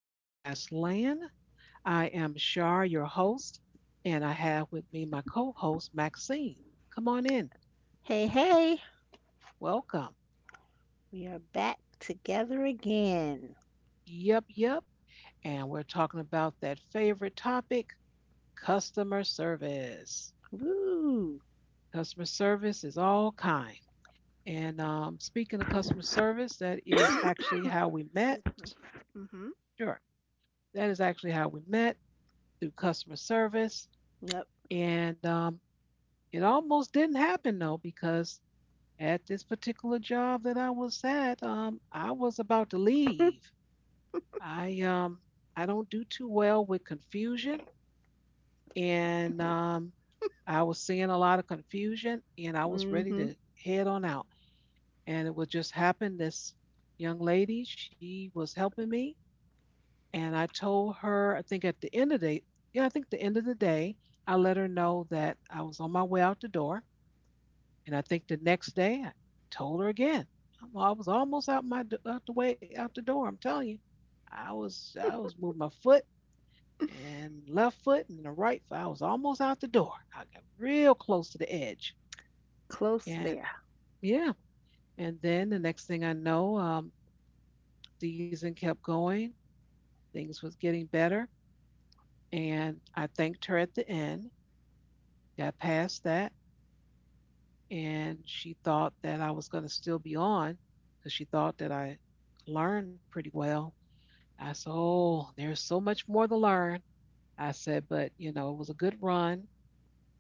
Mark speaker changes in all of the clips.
Speaker 1: Podcast Land. I am Shar, your host, and I have with me my co host, Maxine. Come on in.
Speaker 2: Hey, hey,
Speaker 1: Welcome.
Speaker 2: we are back together again.
Speaker 1: Yep, yep. And we're talking about that favorite topic customer service.
Speaker 2: Woo!
Speaker 1: Customer service is all kind. And Speaking of customer service, that is actually
Speaker 2: Excuse
Speaker 1: how we
Speaker 2: me.
Speaker 1: met.
Speaker 2: Mm-hmm.
Speaker 1: Sure, that is actually how we met through customer service.
Speaker 2: Yep.
Speaker 1: And It almost didn't happen though, because at this particular job that I was at, I was about to leave. I um, I don't do too well with confusion, and I was seeing a lot of confusion, and I was ready
Speaker 2: Mm-hmm.
Speaker 1: to head on out. And it would just happen. This young lady, she was helping me, and I told her, I think at the end of the day, yeah, I think the end of the day, I let her know that I was on my way out the door. And I think the next day I told her again. I was almost out the way out the door. I'm telling you, I was moving my foot and left foot and the right foot. I was almost out the door. I got real close to the edge.
Speaker 2: Close
Speaker 1: And
Speaker 2: there.
Speaker 1: yeah, and then the next thing I know, season kept going. Things was getting better, and I thanked her at the end. Got past that, and she thought that I was going to still be on because she thought that I learned pretty well. I said, Oh, there's so much more to learn. I said, But, you know, it was a good run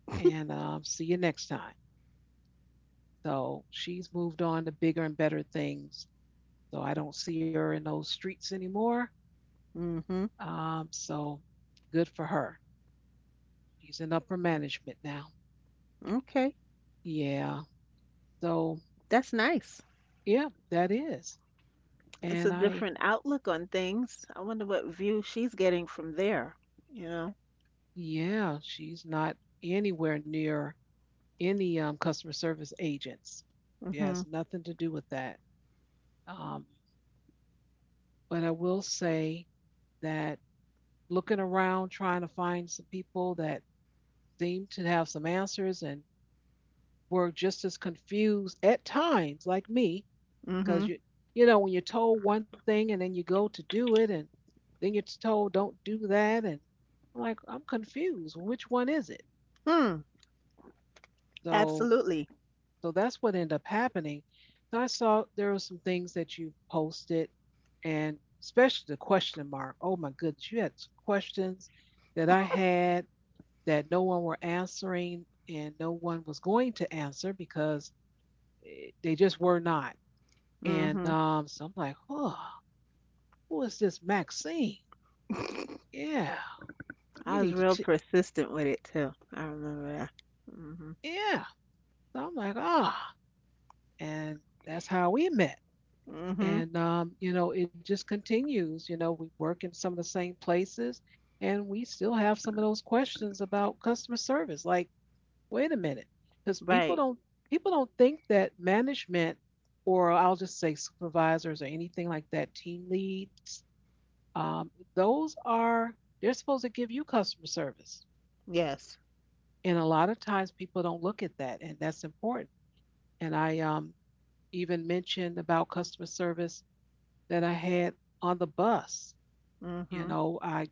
Speaker 1: and see you next time. So she's moved on to bigger and better things. So I don't see her in those streets anymore.
Speaker 2: Mm-hmm.
Speaker 1: So good for her. She's in upper management now.
Speaker 2: Okay.
Speaker 1: Yeah. So,
Speaker 2: That's nice.
Speaker 1: yeah, that is.
Speaker 2: It's a
Speaker 1: And I,
Speaker 2: different outlook on things. I wonder what view she's getting from there, you know?
Speaker 1: yeah, she's not anywhere near any customer service agents. She
Speaker 2: Mm-hmm.
Speaker 1: has nothing to do with that. Um, But I will say that looking around, trying to find some people that seem to have some answers and were just as confused at times, like me,
Speaker 2: Mm-hmm.
Speaker 1: because you know, when you're told one thing and then you go to do it, and then you're told don't do that, and I'm like, I'm confused. Which one is it?
Speaker 2: Hmm.
Speaker 1: So,
Speaker 2: Absolutely.
Speaker 1: so that's what ended up happening. So I saw there were some things that you posted, and especially the question mark. Oh my goodness, you had some questions that I had that no one were answering and no one was going to answer because eh, they just were not. And
Speaker 2: Mm-hmm.
Speaker 1: so I'm like, oh, who is this Maxine? Yeah, we
Speaker 2: I
Speaker 1: need
Speaker 2: was
Speaker 1: to.
Speaker 2: real persistent with it too. I remember that. Mm-hmm.
Speaker 1: Yeah. So I'm like, ah, oh, and that's how we met.
Speaker 2: Mm-hmm.
Speaker 1: And You know, it just continues. You know, we work in some of the same places, and we still have some of those questions about customer service, like wait a minute, because people
Speaker 2: Right.
Speaker 1: don't people don't think that management or I'll just say supervisors or anything like that, team leads, those are they're supposed to give you customer service,
Speaker 2: Yes.
Speaker 1: and a lot of times people don't look at that, and that's important. And I Even mentioned about customer service that I had on the bus. You
Speaker 2: Mm-hmm.
Speaker 1: know, I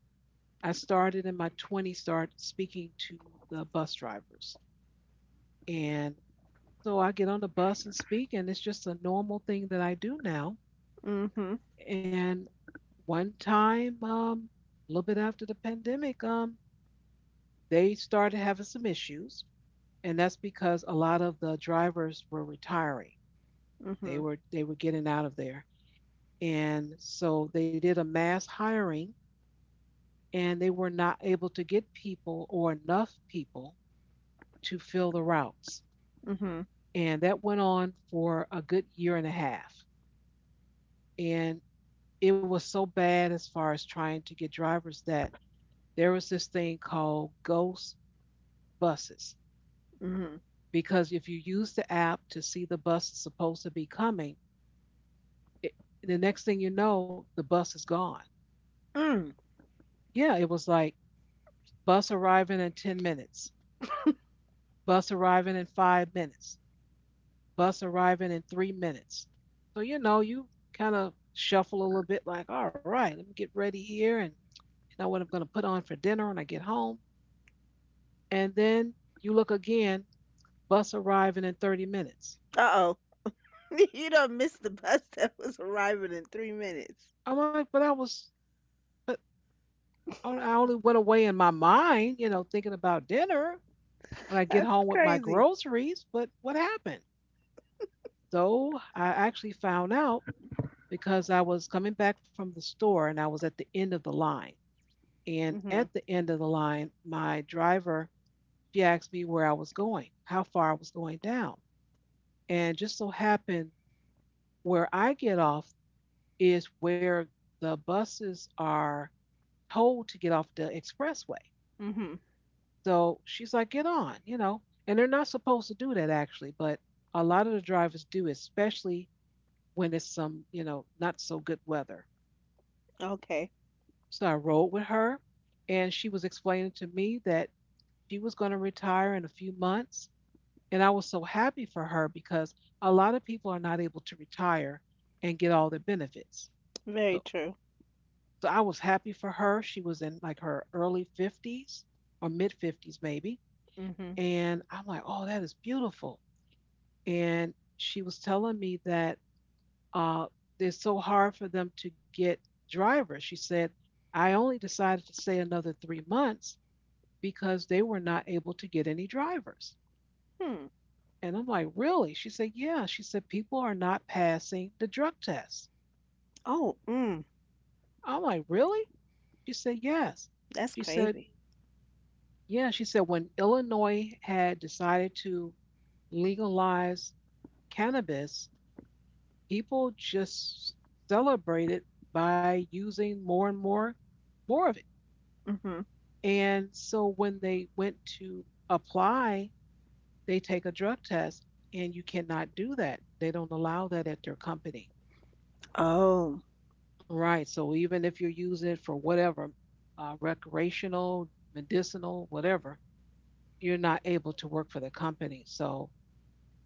Speaker 1: I started in my 20s, started speaking to the bus drivers, and so I get on the bus and speak, and it's just a normal thing that I do now.
Speaker 2: Mm-hmm.
Speaker 1: And one time, a little bit after the pandemic, they started having some issues, and that's because a lot of the drivers were retiring. They
Speaker 2: Mhm,
Speaker 1: were they were getting out of there, and so they did a mass hiring, and they were not able to get people or enough people to fill the routes,
Speaker 2: mhm,
Speaker 1: and that went on for a good 1 1/2 years. And it was so bad as far as trying to get drivers that there was this thing called ghost buses
Speaker 2: mhm.
Speaker 1: because if you use the app to see the bus is supposed to be coming, it, the next thing you know, the bus is gone.
Speaker 2: Mm,
Speaker 1: Yeah, it was like bus arriving in 10 minutes, bus arriving in 5 minutes, bus arriving in 3 minutes. So, you know, you kind of shuffle a little bit like, all right, let me get ready here and you know what I'm going to put on for dinner when I get home. And then you look again. Bus arriving in 30 minutes.
Speaker 2: uh-oh. You done missed the bus that was arriving in 3 minutes.
Speaker 1: I'm like, but I was, but I only went away in my mind, you know, thinking about dinner when I get
Speaker 2: That's
Speaker 1: home with my
Speaker 2: crazy.
Speaker 1: groceries. But what happened? So I actually found out because I was coming back from the store and I was at the end of the line. And
Speaker 2: Mhm,
Speaker 1: at the end of the line, my driver, she asked me where I was going, how far I was going down. And just so happened where I get off is where the buses are told to get off the expressway.
Speaker 2: mhm.
Speaker 1: So she's like, get on, you know. And they're not supposed to do that actually, but a lot of the drivers do, especially when it's some, you know, not so good weather.
Speaker 2: Okay.
Speaker 1: So I rode with her and she was explaining to me that she was going to retire in a few months. And I was so happy for her because a lot of people are not able to retire and get all their benefits.
Speaker 2: Very
Speaker 1: So,
Speaker 2: true.
Speaker 1: so I was happy for her. She was in like her early 50s or mid 50s, maybe.
Speaker 2: Mhm.
Speaker 1: And I'm like, oh, that is beautiful. And she was telling me that uh, it's so hard for them to get drivers. She said, I only decided to stay another 3 months because they were not able to get any drivers.
Speaker 2: Hmm.
Speaker 1: And I'm like, really? She said, yeah. She said, people are not passing the drug test.
Speaker 2: Oh,
Speaker 1: I'm like, really? She said, yes.
Speaker 2: that's
Speaker 1: She said,
Speaker 2: crazy.
Speaker 1: yeah. She said, when Illinois had decided to legalize cannabis, people just celebrate it by using more of it.
Speaker 2: Mhm.
Speaker 1: And so when they went to apply, they take a drug test and you cannot do that. They don't allow that at their company.
Speaker 2: Oh.
Speaker 1: Right. So even if you're using it for whatever, recreational, medicinal, whatever, you're not able to work for the company. So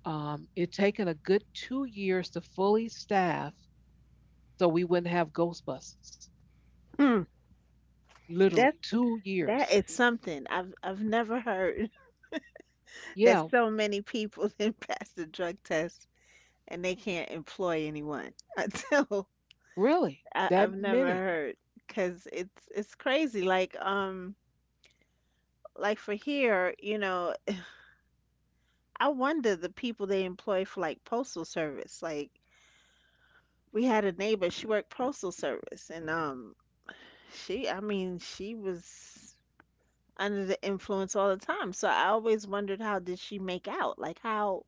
Speaker 1: um, it taken a good 2 years to fully staff so we wouldn't have Ghostbusters.
Speaker 2: Mm,
Speaker 1: Literally
Speaker 2: that's
Speaker 1: 2
Speaker 2: that
Speaker 1: years.
Speaker 2: is something I've never heard that
Speaker 1: Yeah,
Speaker 2: so many people did pass the drug test and they can't employ anyone until
Speaker 1: really?
Speaker 2: I,
Speaker 1: That
Speaker 2: I've never
Speaker 1: many?
Speaker 2: heard because it's crazy. Like for here, you know, I wonder the people they employ for like postal service. Like we had a neighbor, she worked postal service and she I mean, she was under the influence all the time. So I always wondered how did she make out? Like how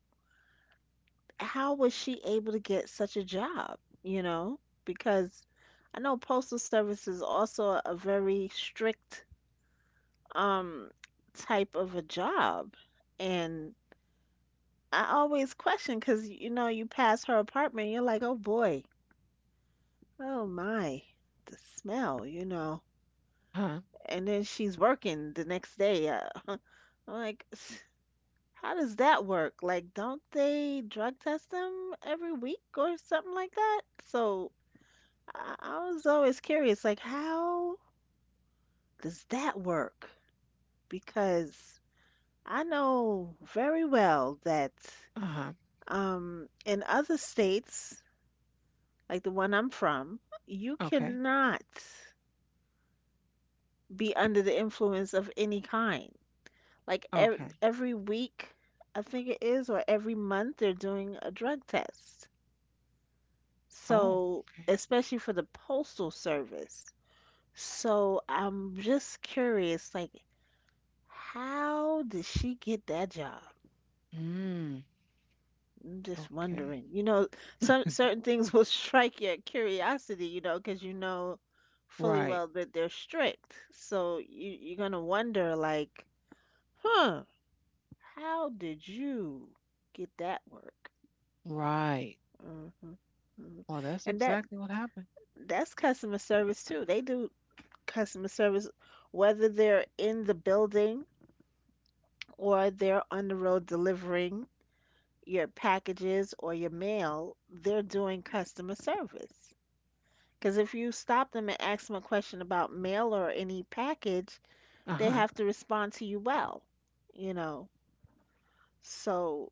Speaker 2: how was she able to get such a job, you know? Because I know postal service is also a very strict um type of a job and I always question because you know you pass her apartment, you're like, oh boy, oh my, the smell, you know.
Speaker 1: Uh-huh.
Speaker 2: And then she's working the next day. I'm like, how does that work? Like, don't they drug test them every week or something like that? So I was always curious, like, how does that work? Because I know very well that
Speaker 1: Uh-huh.
Speaker 2: in other states like the one I'm from, you
Speaker 1: Okay.
Speaker 2: cannot be under the influence of any kind. Like
Speaker 1: Okay.
Speaker 2: every week, I think it is, or every month, they're doing a drug test.
Speaker 1: Oh,
Speaker 2: So,
Speaker 1: okay.
Speaker 2: especially for the Postal Service. So, I'm just curious, like, how did she get that job?
Speaker 1: Mm,
Speaker 2: I'm just
Speaker 1: okay.
Speaker 2: wondering. You know, some certain things will strike your curiosity, you know, because you know fully
Speaker 1: Right.
Speaker 2: well that they're strict. So you're gonna wonder like, huh, how did you get that work?
Speaker 1: Right.
Speaker 2: hmm hmm
Speaker 1: Well, that's
Speaker 2: And that
Speaker 1: exactly what happened.
Speaker 2: that's customer service too. They do customer service whether they're in the building or they're on the road delivering your packages or your mail, they're doing customer service. Because if you stop them and ask them a question about mail or any package, they
Speaker 1: Uh-huh.
Speaker 2: have to respond to you well, you know. So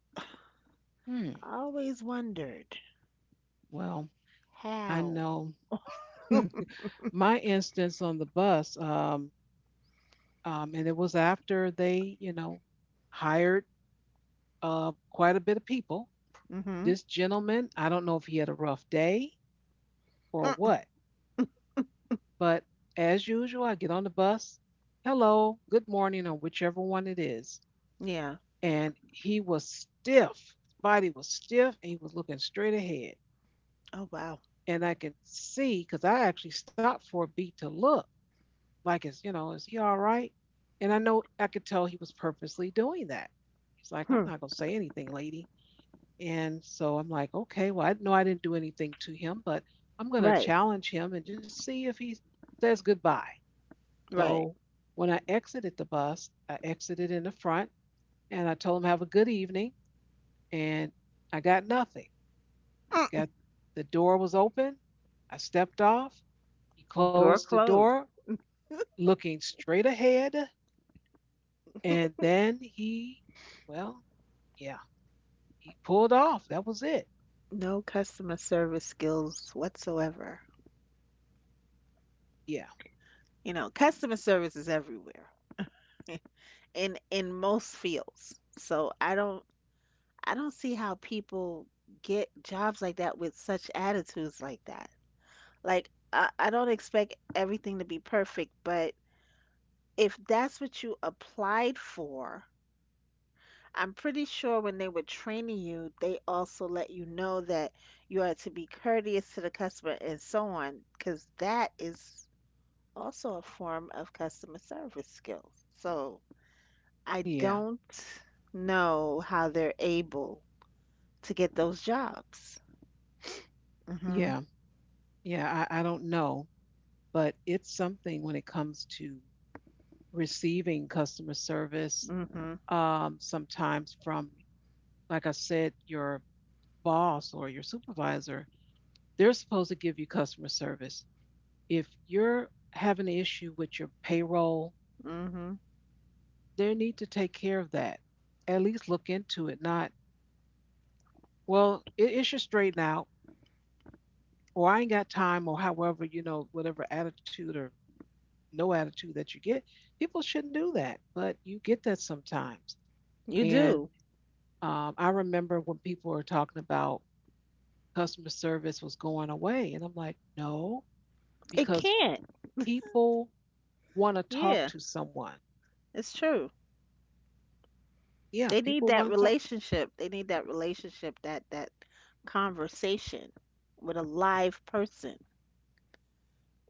Speaker 1: Hmm.
Speaker 2: I always wondered
Speaker 1: Well, I
Speaker 2: how.
Speaker 1: know my instance on the bus, and it was after they, you know, hired quite a bit of people.
Speaker 2: Mm-hmm.
Speaker 1: This gentleman, I don't know if he had a rough day or
Speaker 2: Mm,
Speaker 1: what, but as usual, I get on the bus, hello, good morning, or whichever one it is.
Speaker 2: yeah.
Speaker 1: And he was stiff. His body was stiff and he was looking straight ahead.
Speaker 2: Oh, wow.
Speaker 1: And I can see, because I actually stopped for a beat to look, like, is, you know, is he all right? And I know I could tell he was purposely doing that. He's like, I'm
Speaker 2: Hmm.
Speaker 1: not going to say anything, lady. And so I'm like, okay, well, I know I didn't do anything to him, but I'm going to
Speaker 2: Right.
Speaker 1: challenge him and just see if he says goodbye. So
Speaker 2: Right.
Speaker 1: when I exited the bus, I exited in the front and I told them have a good evening and I got nothing. I
Speaker 2: Mm.
Speaker 1: got the door was open. I stepped off. He
Speaker 2: Door
Speaker 1: closed the
Speaker 2: closed.
Speaker 1: door looking straight ahead and then he well, yeah, he pulled off. That was it.
Speaker 2: No customer service skills whatsoever.
Speaker 1: Yeah.
Speaker 2: You know, customer service is everywhere in most fields. So I don't see how people get jobs like that with such attitudes like that. Like, I don't expect everything to be perfect, but if that's what you applied for, I'm pretty sure when they were training you, they also let you know that you are to be courteous to the customer and so on, because that is also a form of customer service skills. So I
Speaker 1: Yeah.
Speaker 2: don't know how they're able to get those jobs. Mm-hmm.
Speaker 1: Yeah. Yeah, I don't know, but it's something when it comes to receiving customer service
Speaker 2: Mm-hmm.
Speaker 1: sometimes from like I said, your boss or your supervisor, they're supposed to give you customer service. If you're having an issue with your payroll,
Speaker 2: Mm-hmm.
Speaker 1: they need to take care of that. At least look into it, not, well, it should straighten out, or I ain't got time, or however, you know, whatever attitude or no attitude that you get. People shouldn't do that, but you get that sometimes.
Speaker 2: You
Speaker 1: And
Speaker 2: do.
Speaker 1: I remember when people were talking about customer service was going away, and I'm like, no,
Speaker 2: It
Speaker 1: because
Speaker 2: can't.
Speaker 1: people want to talk
Speaker 2: Yeah,
Speaker 1: to someone.
Speaker 2: it's true.
Speaker 1: Yeah,
Speaker 2: They need
Speaker 1: people
Speaker 2: that
Speaker 1: want to talk.
Speaker 2: relationship. They need that relationship, that that conversation with a live person.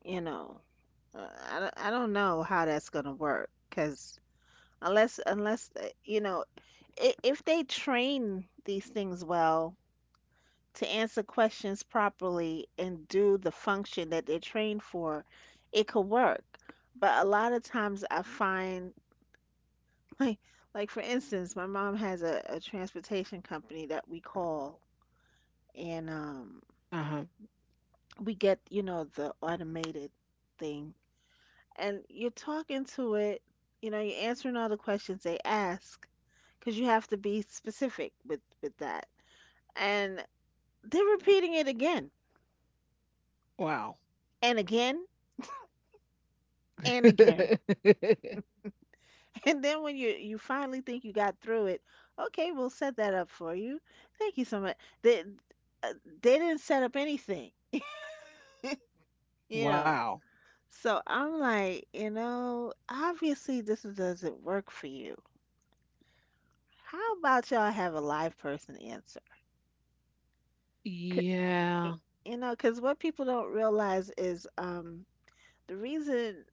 Speaker 2: You know, I don't know how that's gonna work because unless if they train these things well to answer questions properly and do the function that they're trained for, it could work. But a lot of times I find like like for instance, my mom has a transportation company that we call and
Speaker 1: Uh huh.
Speaker 2: we get the automated thing, and you're talking to it, you're answering all the questions they ask because you have to be specific with that, and they're repeating it again
Speaker 1: Wow.
Speaker 2: and again and again. And then when you finally think you got through it, okay, we'll set that up for you, thank you so much. They uh, they didn't set up anything, you know.
Speaker 1: Wow.
Speaker 2: So I'm like, obviously this doesn't work for you. How about y'all have a live person answer? C- y-
Speaker 1: Yeah.
Speaker 2: You know, because what people don't realize is, the reason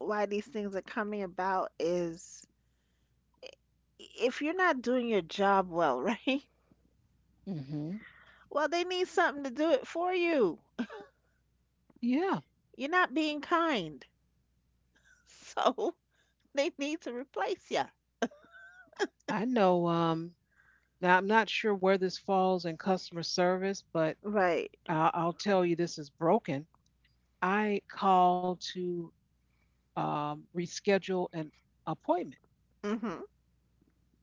Speaker 2: why these things are coming about is, if you're not doing your job well, right?
Speaker 1: Hmm.
Speaker 2: Well, they need something to do it for you.
Speaker 1: Yeah.
Speaker 2: You're not being kind. So they need to replace you.
Speaker 1: I know. Now I'm not sure where this falls in customer service, but
Speaker 2: Right.
Speaker 1: I'll tell you this is broken. I called to reschedule an appointment.
Speaker 2: Mm-hmm.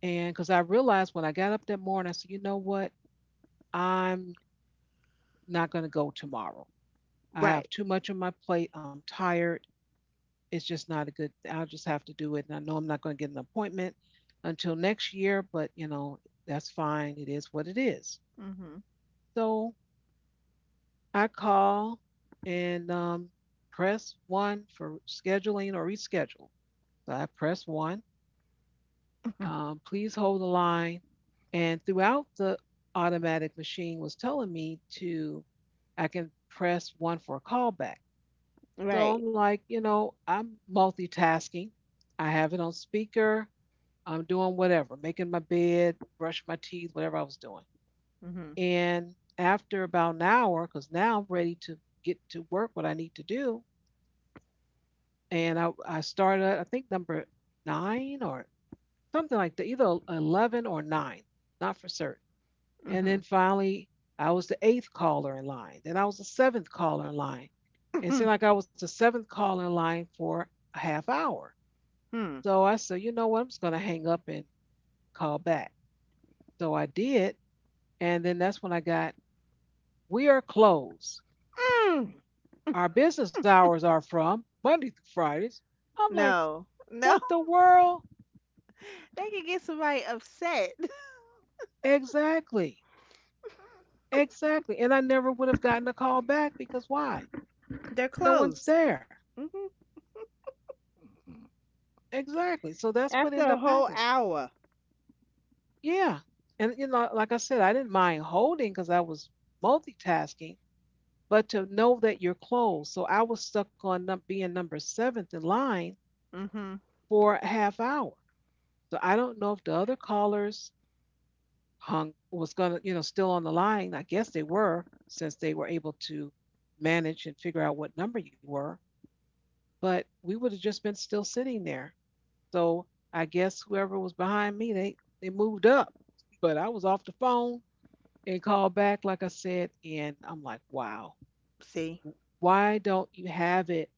Speaker 1: And because I realized when I got up that morning, I said, you know what? I'm not going to go tomorrow. I have
Speaker 2: Right.
Speaker 1: too much on my plate. I'm tired. It's just not a good. I'll just have to do it. And I know I'm not going to get an appointment until next year, but that's fine. It is what it is.
Speaker 2: Mhm.
Speaker 1: So I call and press one for scheduling or reschedule. So I press one. Please hold the line. And throughout, the automatic machine was telling me to, I can press one for a callback. So
Speaker 2: Right.
Speaker 1: I'm like, I'm multitasking. I have it on speaker. I'm doing whatever, making my bed, brushing my teeth, whatever I was doing.
Speaker 2: Mhm.
Speaker 1: And after about an hour, because now I'm ready to get to work what I need to do. And I started at, I think, number nine or something like that, either 11 or nine, not for certain. And
Speaker 2: Mm-hmm.
Speaker 1: then finally, I was the eighth caller in line. Then I was the seventh caller in line. And it seemed
Speaker 2: Mhm.
Speaker 1: like I was the seventh caller in line for a half hour. So I said, you know what? I'm just going to hang up and call back. So I did. And then that's when I got, we are closed.
Speaker 2: Mm.
Speaker 1: Our business hours are from Monday through Fridays. I'm like,
Speaker 2: No. No.
Speaker 1: what the world?
Speaker 2: They can get somebody upset.
Speaker 1: Exactly. Exactly. And I never would have gotten a call back because why?
Speaker 2: They're
Speaker 1: No one's
Speaker 2: closed
Speaker 1: there.
Speaker 2: hmm
Speaker 1: Exactly. So that's what
Speaker 2: after
Speaker 1: ended
Speaker 2: a
Speaker 1: up
Speaker 2: whole
Speaker 1: happening.
Speaker 2: hour.
Speaker 1: Yeah. And, like I said, I didn't mind holding because I was multitasking, but to know that you're closed. So I was stuck on being number seventh in line
Speaker 2: Hmm.
Speaker 1: for a half hour. So I don't know if the other callers hung was gonna, still on the line. I guess they were since they were able to manage and figure out what number you were. But we would have just been still sitting there. So I guess whoever was behind me, they moved up, but I was off the phone and called back, like I said, and I'm like, wow,
Speaker 2: See?
Speaker 1: why don't you have it?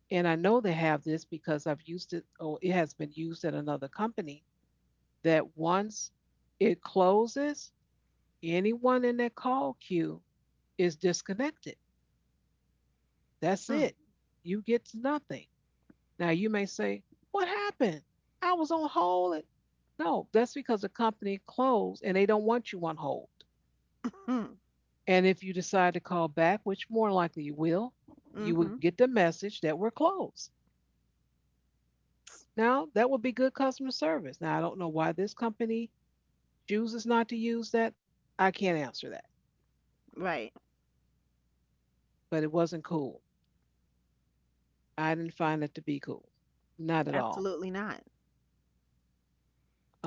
Speaker 1: And I know they have this because I've used it, or it has been used at another company, that once it closes, anyone in that call queue is disconnected. That's
Speaker 2: Hmm.
Speaker 1: it. You get nothing. Now you may say, what happened? I was on hold. No, that's because the company closed and they don't want you on hold.
Speaker 2: hmm
Speaker 1: And if you decide to call back, which more likely you will
Speaker 2: hmm
Speaker 1: get the message that we're closed. Now, that would be good customer service. Now, I don't know why this company chooses not to use that. I can't answer that,
Speaker 2: Right.
Speaker 1: but it wasn't cool. I didn't find it to be cool. Not at all.
Speaker 2: Absolutely not.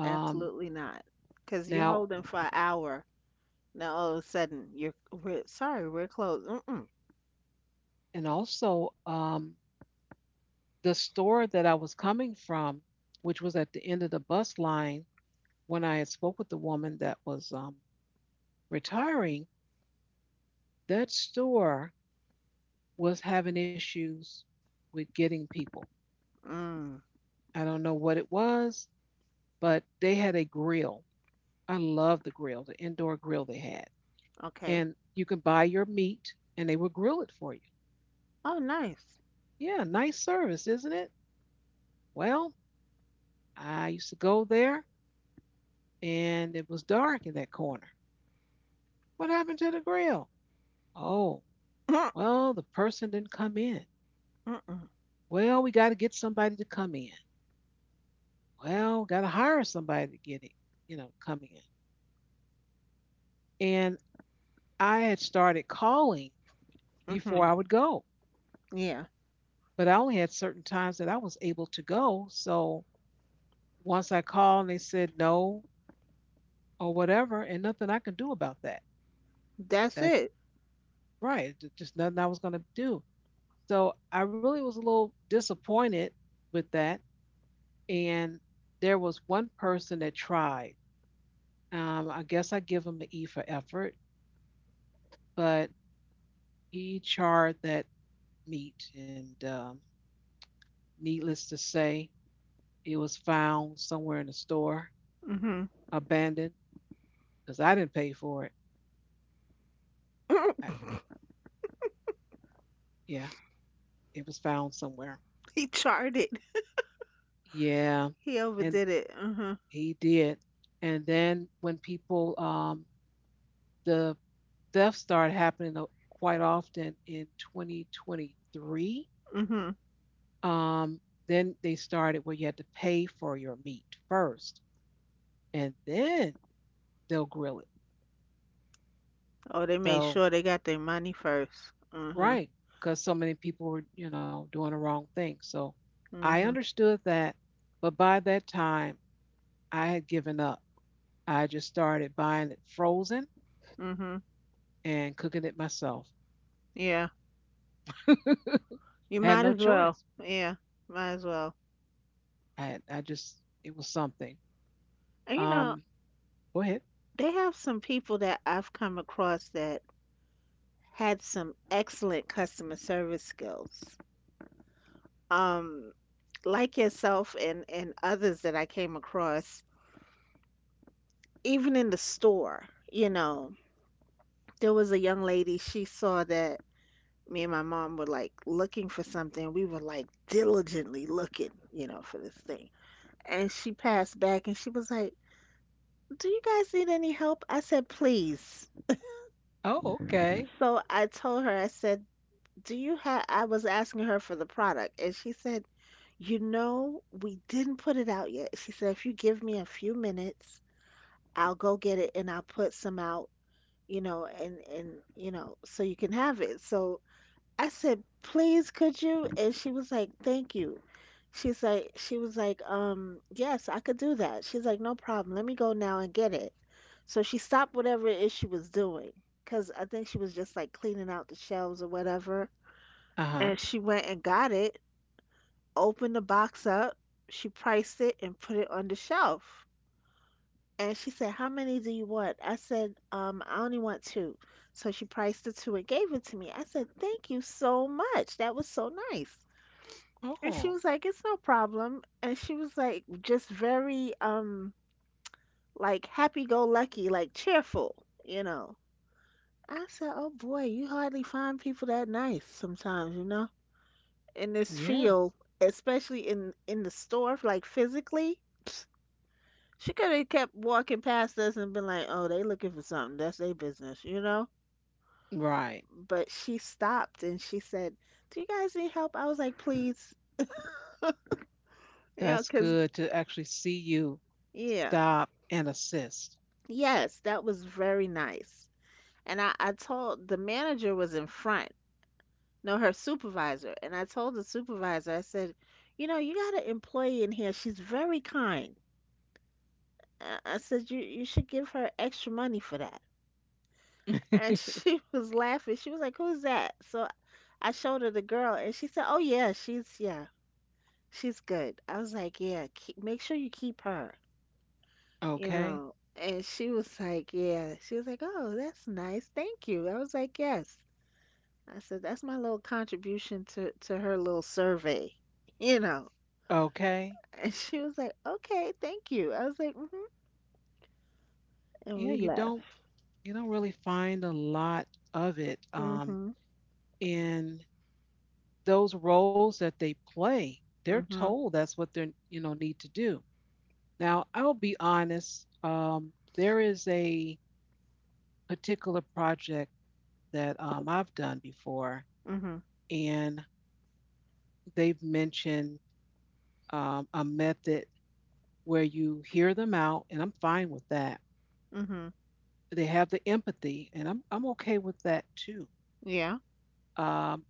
Speaker 1: Um,
Speaker 2: Absolutely not. Because you're
Speaker 1: now,
Speaker 2: holding for an hour. Now all of a sudden, you're we're, sorry, we're closed. Mm-mm.
Speaker 1: and also, the store that I was coming from, which was at the end of the bus line, when I had spoke with the woman that was retiring, that store was having issues with getting people.
Speaker 2: Mm.
Speaker 1: I don't know what it was, but they had a grill. I love the grill, the indoor grill they had.
Speaker 2: Okay.
Speaker 1: And you can buy your meat and they will grill it for you.
Speaker 2: Oh, nice.
Speaker 1: Yeah, nice service, isn't it? Well, I used to go there and it was dark in that corner. What happened to the grill? Oh, well, the person didn't come in.
Speaker 2: Mm-mm.
Speaker 1: Well, we got to get somebody to come in. Well, got to hire somebody to get it, come in. And I had started calling
Speaker 2: Hmm.
Speaker 1: before I would go,
Speaker 2: Yeah.
Speaker 1: but I only had certain times that I was able to go. So once I called and they said no or whatever, and nothing I could do about that.
Speaker 2: That's
Speaker 1: That's
Speaker 2: it.
Speaker 1: right. Just nothing I was going to do. So I really was a little disappointed with that. And there was one person that tried. I guess I give him the E for effort, but he charred that meat. And needless to say, it was found somewhere in the store,
Speaker 2: hmm
Speaker 1: abandoned, because I didn't pay for it. I, yeah, it was found somewhere.
Speaker 2: he charted.
Speaker 1: Yeah.
Speaker 2: He
Speaker 1: And
Speaker 2: overdid it.
Speaker 1: he did. And then when people, the thefts started happening quite often in 2023,
Speaker 2: Hmm
Speaker 1: um, then they started where you had to pay for your meat first and then they'll grill it.
Speaker 2: Oh, they made
Speaker 1: So,
Speaker 2: sure they got their money first. Mhm.
Speaker 1: right, because so many people were, doing the wrong thing. So I
Speaker 2: Mhm.
Speaker 1: understood that. But by that time, I had given up. I just started buying it frozen
Speaker 2: Mhm.
Speaker 1: and cooking it myself.
Speaker 2: Yeah.
Speaker 1: I
Speaker 2: You
Speaker 1: had no
Speaker 2: might as
Speaker 1: choice.
Speaker 2: well. Yeah. Might as well.
Speaker 1: I just it was something.
Speaker 2: And you know,
Speaker 1: Um, go ahead.
Speaker 2: they have some people that I've come across that had some excellent customer service skills. Um, like yourself and others that I came across, even in the store, you know, there was a young lady, she saw that me and my mom were like looking for something. We were like diligently looking, you know, for this thing, and she passed back and she was like, "Do you guys need any help?" I said, "Please."
Speaker 1: Oh, okay.
Speaker 2: So I told her, I said, "Do you have," I was asking her for the product, and she said, "You know, we didn't put it out yet." She said, "If you give me a few minutes, I'll go get it and I'll put some out, you know," you know, "so you can have it." So I said, "Please, could you?" And she was like, "Thank you." She was like, "Yes, I could do that." She's like, "No problem. Let me go now and get it." So she stopped whatever it is she was doing, 'cause I think she was just like cleaning out the shelves or whatever.
Speaker 1: Uh
Speaker 2: And
Speaker 1: huh.
Speaker 2: she went and got it, opened the box up, she priced it and put it on the shelf. And she said, "How many do you want?" I said, "I only want two." So she priced the two and gave it to me. I said, "Thank you so much. That was so nice." And she
Speaker 1: Oh,
Speaker 2: was like, "It's no problem." And she was like, just very like happy-go-lucky, like cheerful, you know. I said, "Oh boy, you hardly find people that nice sometimes, you know, in this
Speaker 1: yeah.
Speaker 2: field, especially in the store, like physically." She could have kept walking past us and been like, "Oh, they looking for something. That's their business," you know.
Speaker 1: Right.
Speaker 2: But she stopped and she said, "Do you guys need help?" I was like, "Please," you know,
Speaker 1: That's
Speaker 2: 'cause
Speaker 1: good to actually see you
Speaker 2: yeah,
Speaker 1: stop and assist.
Speaker 2: yes, that was very nice. And I told the manager was in front, no, her supervisor. And I told the supervisor, I said, "You know, you got an employee in here. She's very kind." I said, You should give her extra money for that." And she was laughing. She was like, "Who's that?" So I showed her the girl and she said, "Oh, yeah, yeah, she's good." I was like, "Yeah, keep, make sure you keep her, you
Speaker 1: Okay.
Speaker 2: know." And she was like, "Yeah." She was like, "Oh, that's nice. Thank you." I was like, "Yes." I said, "That's my little contribution to, her little survey," you know.
Speaker 1: Okay.
Speaker 2: And she was like, "Okay, thank you." I was like, mm-hmm. And
Speaker 1: Yeah,
Speaker 2: we
Speaker 1: you don't
Speaker 2: left.
Speaker 1: you don't really find a lot of it
Speaker 2: Mm-hmm.
Speaker 1: in those roles that they play. They're
Speaker 2: Mm-hmm.
Speaker 1: told that's what they're need to do. Now, I'll be honest, there is a particular project that I've done before,
Speaker 2: Mm-hmm.
Speaker 1: and they've mentioned a method where you hear them out, and I'm fine with that.
Speaker 2: Mm-hmm.
Speaker 1: They have the empathy, and I'm okay with that too.
Speaker 2: Yeah.
Speaker 1: Um,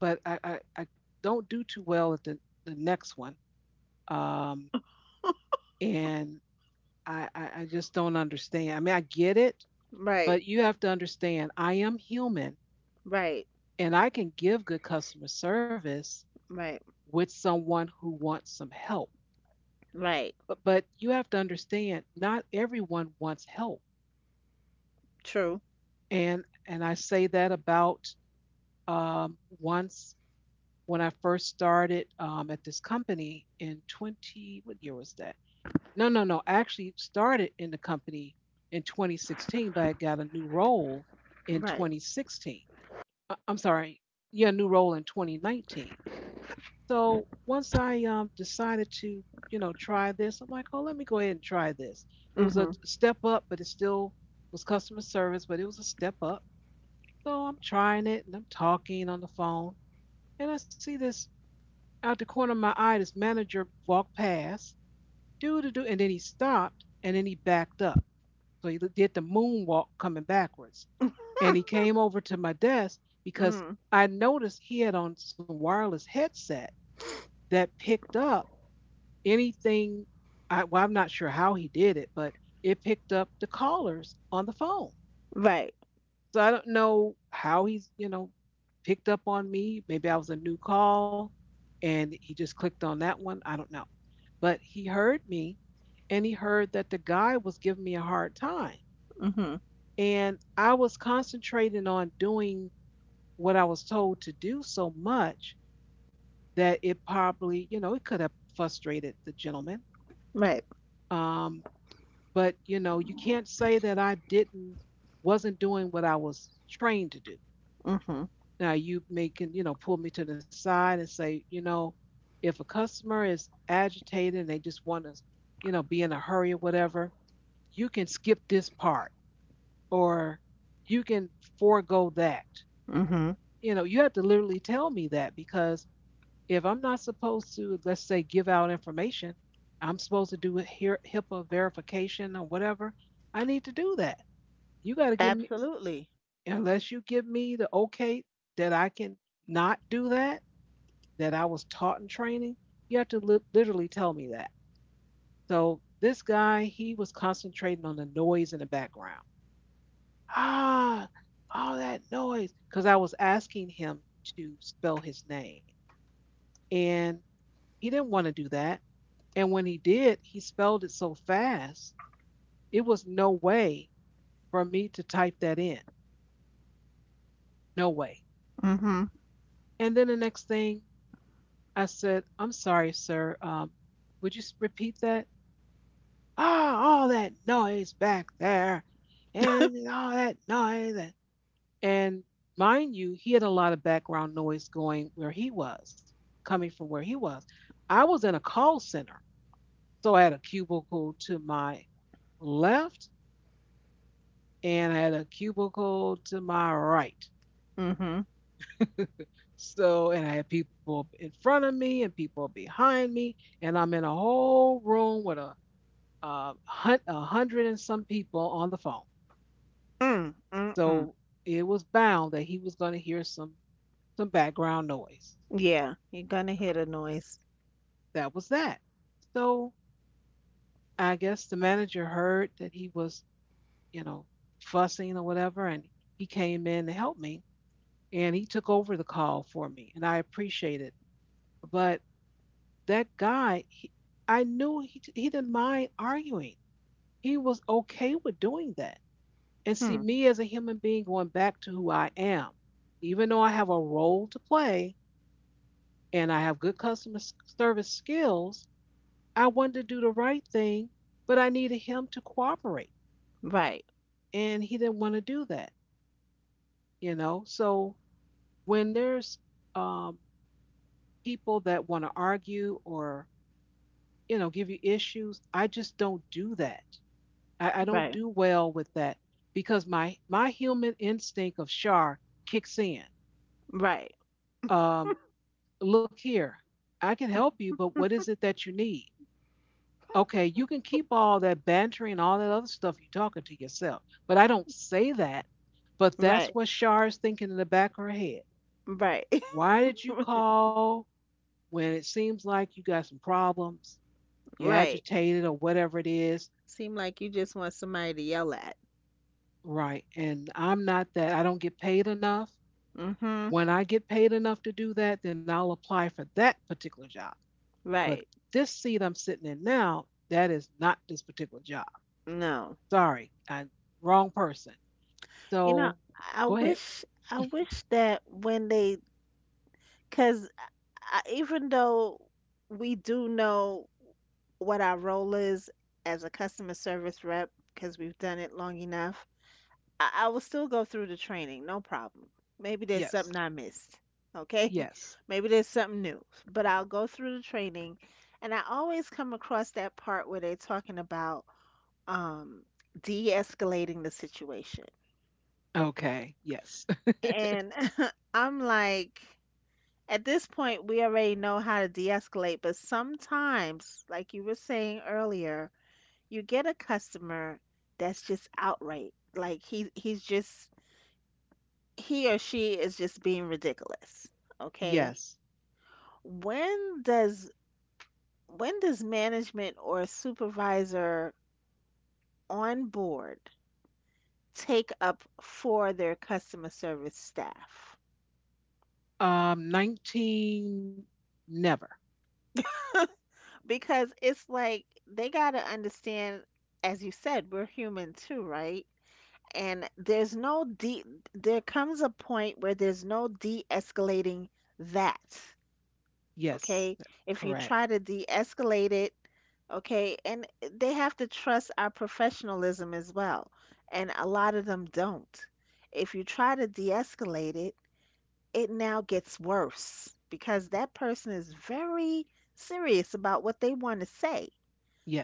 Speaker 1: but I don't do too well at the next one, um, and I just don't understand. I mean, I get it,
Speaker 2: Right.
Speaker 1: but you have to understand, I am human,
Speaker 2: Right.
Speaker 1: and I can give good customer service
Speaker 2: Right.
Speaker 1: with someone who wants some help.
Speaker 2: Right.
Speaker 1: But you have to understand not everyone wants help.
Speaker 2: True.
Speaker 1: And I say that about once when I first started at this company in 20, what year was that? No, I actually started in the company in 2016, but I got a new role in
Speaker 2: Right.
Speaker 1: 2016. I- am sorry, yeah, new role in 2019. So once I decided to, you know, try this, I'm like, oh, let me go ahead and try this. It was a
Speaker 2: Mm-hmm.
Speaker 1: step up, but it still was customer service, but it was a step up. So I'm trying it and I'm talking on the phone. And I see this out the corner of my eye, this manager walk past, do to do, and then he stopped and then he backed up. So he did the moonwalk coming backwards. And he came over to my desk because
Speaker 2: Mm.
Speaker 1: I noticed he had on some wireless headset that picked up anything I, well, I'm not sure how he did it, but it picked up the callers on the phone.
Speaker 2: Right.
Speaker 1: So I don't know how he's, you know, picked up on me. Maybe I was a new call and he just clicked on that one. I don't know. But he heard me and he heard that the guy was giving me a hard time.
Speaker 2: Mm-hmm.
Speaker 1: And I was concentrating on doing what I was told to do so much that it probably, you know, it could have frustrated the gentleman.
Speaker 2: Right.
Speaker 1: Um, But, you know, you can't say that I didn't wasn't doing what I was trained to do.
Speaker 2: Mm-hmm.
Speaker 1: Now you may can, you know, pull me to the side and say, you know, if a customer is agitated and they just want to, you know, be in a hurry or whatever, you can skip this part or you can forego that.
Speaker 2: Mm-hmm.
Speaker 1: You know, you have to literally tell me that because if I'm not supposed to, let's say, give out information, I'm supposed to do a HIPAA verification or whatever, I need to do that. You got to give me,
Speaker 2: Absolutely.
Speaker 1: unless you give me the okay that I can not do that, that I was taught in training, you have to literally tell me that. So this guy, he was concentrating on the noise in the background. Ah, all that noise. Because I was asking him to spell his name. And he didn't want to do that. And when he did, he spelled it so fast, it was no way for me to type that in. No way.
Speaker 2: Mm-hmm.
Speaker 1: And then the next thing, I said, I'm sorry, sir. Would you repeat that? Ah, all that noise back there and all that noise. And and mind you, he had a lot of background noise going where he was, coming from where he was. I was in a call center. So I had a cubicle to my left and I had a cubicle to my right.
Speaker 2: Mm-hmm.
Speaker 1: So, and I had people in front of me and people behind me, and I'm in a whole room with uh, a hundred and some people on the phone.
Speaker 2: Mm. Mm-mm.
Speaker 1: So it was bound that he was going to hear some background noise.
Speaker 2: Yeah. You're gonna hear the noise.
Speaker 1: That was that. So I guess the manager heard that he was, you know, fussing or whatever, and he came in to help me, and he took over the call for me, and I appreciate it. But that guy, he, I knew he didn't mind arguing. He was okay with doing that and see
Speaker 2: Hmm.
Speaker 1: me as a human being going back to who I am. Even though I have a role to play and I have good customer service skills, I wanted to do the right thing, but I needed him to cooperate.
Speaker 2: Right.
Speaker 1: And he didn't want to do that, So when there's um, people that want to argue or, give you issues, I just don't do that. I don't
Speaker 2: Right.
Speaker 1: do well with that because my human instinct of char kicks in.
Speaker 2: Right.
Speaker 1: um, Look here, I can help you, but what is it that you need? Okay, you can keep all that bantering and all that other stuff you're talking to yourself. But I don't say that, but that's
Speaker 2: Right.
Speaker 1: what Shar is thinking in the back of her head.
Speaker 2: Right.
Speaker 1: Why did you call when it seems like you got some problems? You're
Speaker 2: Right.
Speaker 1: agitated or whatever it is.
Speaker 2: Seem like you just want somebody to yell at.
Speaker 1: Right. And I'm not that. I don't get paid enough.
Speaker 2: Mm-hmm.
Speaker 1: When I get paid enough to do that, then I'll apply for that particular job. But
Speaker 2: Right.
Speaker 1: this seat I'm sitting in now, that is not this particular job.
Speaker 2: No.
Speaker 1: Sorry, I wrong person.
Speaker 2: You know,
Speaker 1: So
Speaker 2: I
Speaker 1: go ahead.
Speaker 2: wish I wish that when they, because I, even though we do know what our role is as a customer service rep, because we've done it long enough, I will still go through the training, no problem. Maybe there's
Speaker 1: Yes.
Speaker 2: something I missed. Okay?
Speaker 1: Yes.
Speaker 2: Maybe there's something new, but I'll go through the training. And I always come across that part where they're talking about, um, de escalating the situation.
Speaker 1: Okay. Yes.
Speaker 2: And I'm like, at this point, we already know how to de escalate, but sometimes, like you were saying earlier, you get a customer that's just outright. Like he or she is just being ridiculous. Okay.
Speaker 1: Yes.
Speaker 2: When does when does management or supervisor on board take up for their customer service staff?
Speaker 1: 19, never.
Speaker 2: Because it's like they got to understand, as you said, we're human too, right? And there's no de there comes a point where there's no de-escalating that.
Speaker 1: Yes. That—
Speaker 2: Okay? If you
Speaker 1: Correct.
Speaker 2: try to de-escalate it, okay? And they have to trust our professionalism as well. And a lot of them don't. If you try to de-escalate it, it now gets worse because that person is very serious about what they want to say.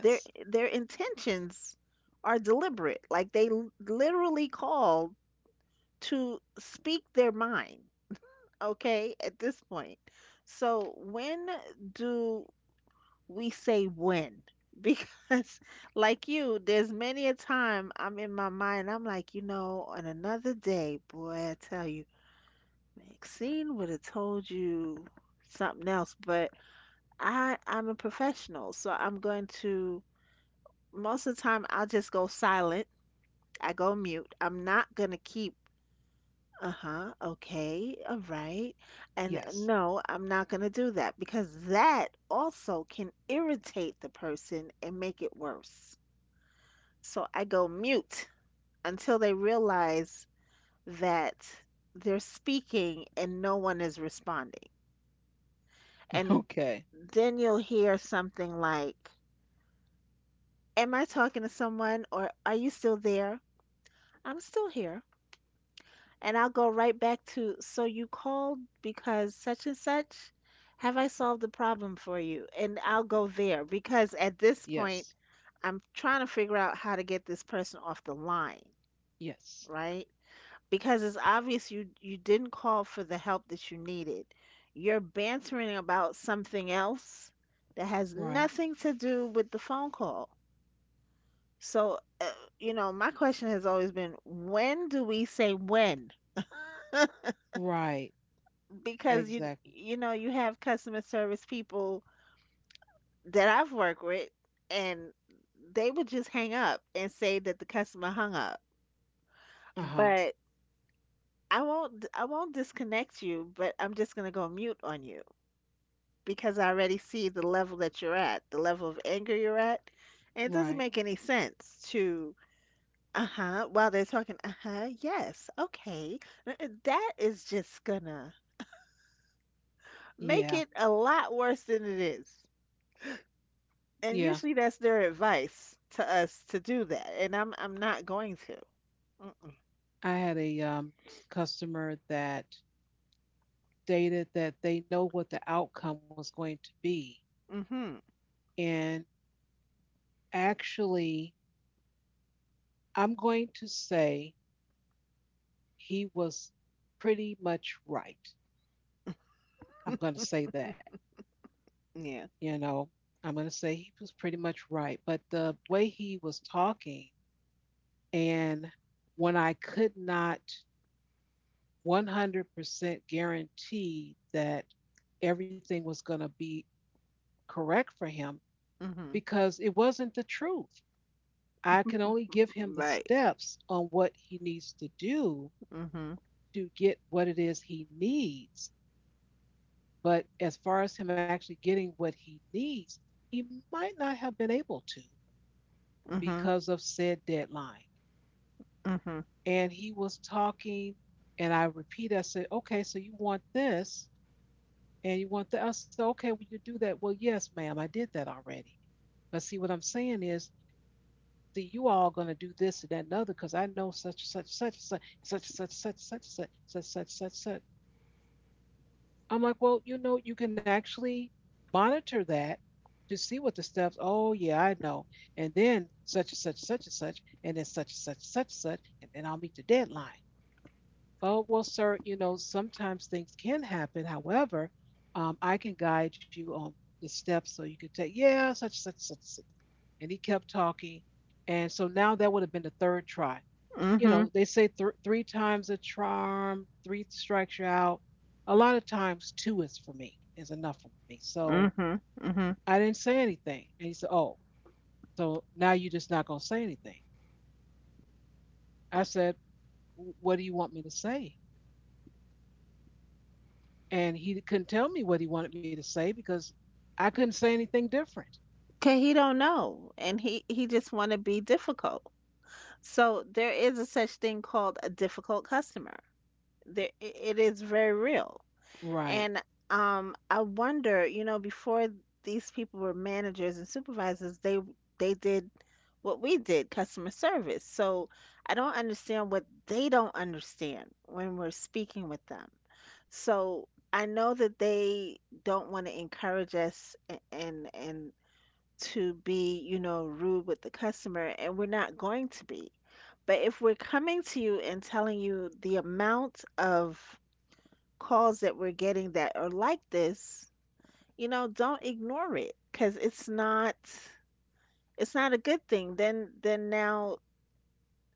Speaker 2: Their their intentions are deliberate. Like they literally called to speak their mind, okay, at this point. So when do we say when? Because like you there's many a time I'm in my mind I'm like, on another day, boy, I tell you, Maxine would have told you something else, but I'm a professional, so I'm going to most of the time I'll just go silent. I go mute. I'm not going to keep uh-huh, okay, all right, and
Speaker 1: Yes.
Speaker 2: no, I'm not going to do that because that also can irritate the person and make it worse. So I go mute until they realize that they're speaking and no one is responding. And
Speaker 1: Okay.
Speaker 2: then you'll hear something like, "Am I talking to someone or are you still there?" I'm still here. And I'll go right back to, "So you called because such and such? Have I solved the problem for you?" And I'll go there because at this point,
Speaker 1: Yes.
Speaker 2: I'm trying to figure out how to get this person off the line,
Speaker 1: Yes.
Speaker 2: right? Because it's obvious you didn't call for the help that you needed. You're bantering about something else that has
Speaker 1: Right.
Speaker 2: nothing to do with the phone call. So, my question has always been, when do we say when?
Speaker 1: Right.
Speaker 2: Because
Speaker 1: Exactly.
Speaker 2: you have customer service people that I've worked with and they would just hang up and say that the customer hung up.
Speaker 1: Uh-huh.
Speaker 2: But I won't disconnect you, but I'm just going to go mute on you, because I already see the level that you're at, the level of anger you're at. And it doesn't
Speaker 1: Right.
Speaker 2: make any sense to, uh-huh, while they're talking, uh-huh, yes, okay. That is just gonna make
Speaker 1: Yeah.
Speaker 2: it a lot worse than it is. And
Speaker 1: Yeah.
Speaker 2: usually that's their advice to us to do that. And I'm not going to.
Speaker 1: I had a customer that stated that they know what the outcome was going to be
Speaker 2: Mm-mm.
Speaker 1: and actually I'm going to say he was pretty much right. I'm going to
Speaker 2: Mm-hmm.
Speaker 1: say that,
Speaker 2: Yeah.
Speaker 1: you know, I'm going to say he was pretty much right. But the way he was talking, and when I could not 100% guarantee that everything was going to be correct for him
Speaker 2: Mm-hmm.
Speaker 1: because it wasn't the truth. I can only give him the
Speaker 2: Right.
Speaker 1: steps on what he needs to do
Speaker 2: Mm-hmm.
Speaker 1: to get what it is he needs. But as far as him actually getting what he needs, he might not have been able to
Speaker 2: Mm-hmm.
Speaker 1: because of said deadline.
Speaker 2: Mm-hmm.
Speaker 1: And he was talking, and I repeat, I said, okay, so you want this and you want that. I said, okay, will you do that? Well, yes, ma'am, I did that already. But see, what I'm saying is, see, you all going to do this and that and other because I know such, such, such, such, such, such, such, such, such, such, such, such, such, such. I'm like, well, you know, you can actually monitor that to see what the steps. Oh, yeah, I know. And then such and such, and then such and such, and then I'll meet the deadline. Oh, well, sir, you know, sometimes things can happen. However, I can guide you on the steps so you could take, yeah, such, such, such, such. And he kept talking. And so now that would have been the third try. You
Speaker 2: Mm-hmm.
Speaker 1: know, they say three times a charm, three strikes you out. A lot of times, two is for me, is enough for me. So
Speaker 2: Mm-hmm. Mm-hmm.
Speaker 1: I didn't say anything. And he said, oh, so now you're just not going to say anything. I said, what do you want me to say? And he couldn't tell me what he wanted me to say because I couldn't say anything different.
Speaker 2: 'Cause he don't know, and he just want to be difficult. So there is a such thing called a difficult customer. There, it is very real.
Speaker 1: Right,
Speaker 2: And I wonder, before these people were managers and supervisors, they did what we did, customer service. So I don't understand what they don't understand when we're speaking with them. So I know that they don't want to encourage us and to be, you know, rude with the customer, and we're not going to be. But if we're coming to you and telling you the amount of calls that we're getting that are like this, you know, don't ignore it because it's not a good thing. Then now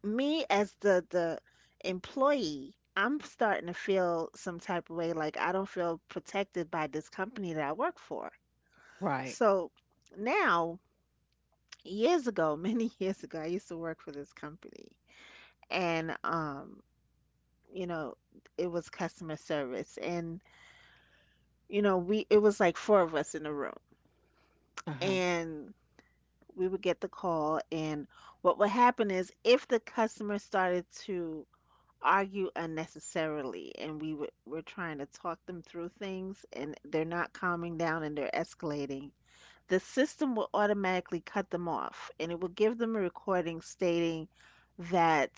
Speaker 2: me as the employee, I'm starting to feel some type of way like I don't feel protected by this company that I work for.
Speaker 1: right.
Speaker 2: So now years ago, many years ago, I used to work for this company and you know, it was customer service and you know, we it was like four of us in the room
Speaker 1: Uh huh.
Speaker 2: and we would get the call and what would happen is if the customer started to argue unnecessarily and were trying to talk them through things and they're not calming down and they're escalating, the system will automatically cut them off and it will give them a recording stating that,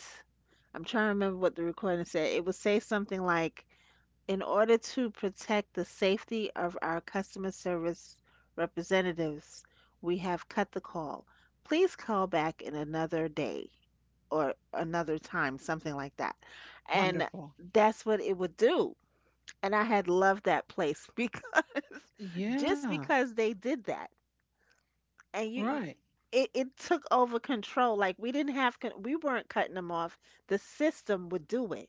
Speaker 2: I'm trying to remember what the recording said. It would say something like, "In order to protect the safety of our customer service representatives, we have cut the call. Please call back in another day or another time," something like that. And
Speaker 1: Wonderful.
Speaker 2: that's what it would do. And I had loved that place because just
Speaker 1: Yeah,
Speaker 2: because they did that and you
Speaker 1: right.
Speaker 2: it took over control like we didn't have we weren't cutting them off. The system would do it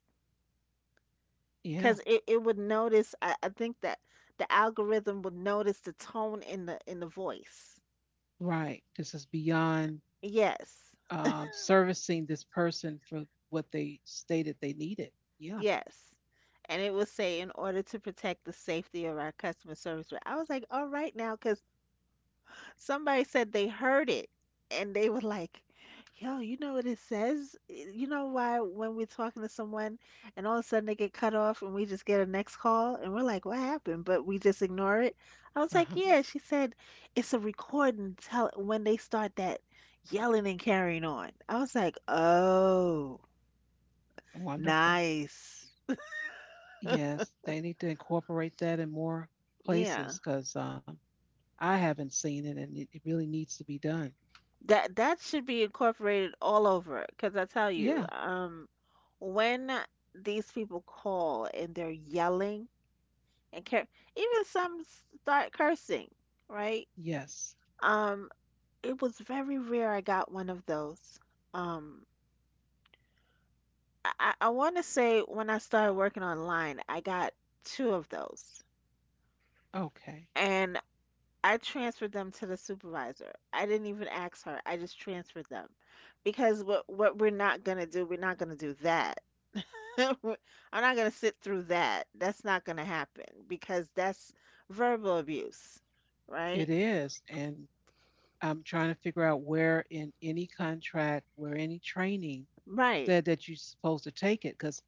Speaker 1: Yeah,
Speaker 2: because it would notice, I think that the algorithm would notice the tone in the voice.
Speaker 1: right. This is beyond
Speaker 2: Yes.
Speaker 1: servicing this person for what they stated they needed. Yeah.
Speaker 2: Yes. And it would say, "In order to protect the safety of our customer service rep." I was like, all right now, 'cause somebody said they heard it, and they were like, yo, you know what it says? You know why when we're talking to someone and all of a sudden they get cut off and we just get a next call and we're like, what happened? But we just ignore it. I was like,
Speaker 1: Uh-huh.
Speaker 2: yeah. She said it's a recording. Tell when they start that yelling and carrying on. I was like, oh,
Speaker 1: Wonderful.
Speaker 2: nice.
Speaker 1: Yes, they need to incorporate that in more
Speaker 2: Yeah,
Speaker 1: places because I haven't seen it and it, it really needs to be done.
Speaker 2: that that should be incorporated all over, because I tell you,
Speaker 1: Yeah,
Speaker 2: when these people call and they're yelling and cur even some start cursing, right?
Speaker 1: yes.
Speaker 2: Um, it was very rare I got one of those. Um, I want to say when I started working online, I got two of those,
Speaker 1: Okay.
Speaker 2: and I transferred them to the supervisor. I didn't even ask her. I just transferred them because what we're not gonna do, we're not gonna do that. I'm not going to sit through that. That's not going to happen because that's verbal abuse,
Speaker 1: It
Speaker 2: right?
Speaker 1: is. And I'm trying to figure out where in any contract, where any training
Speaker 2: Right.
Speaker 1: said that you're supposed to take it because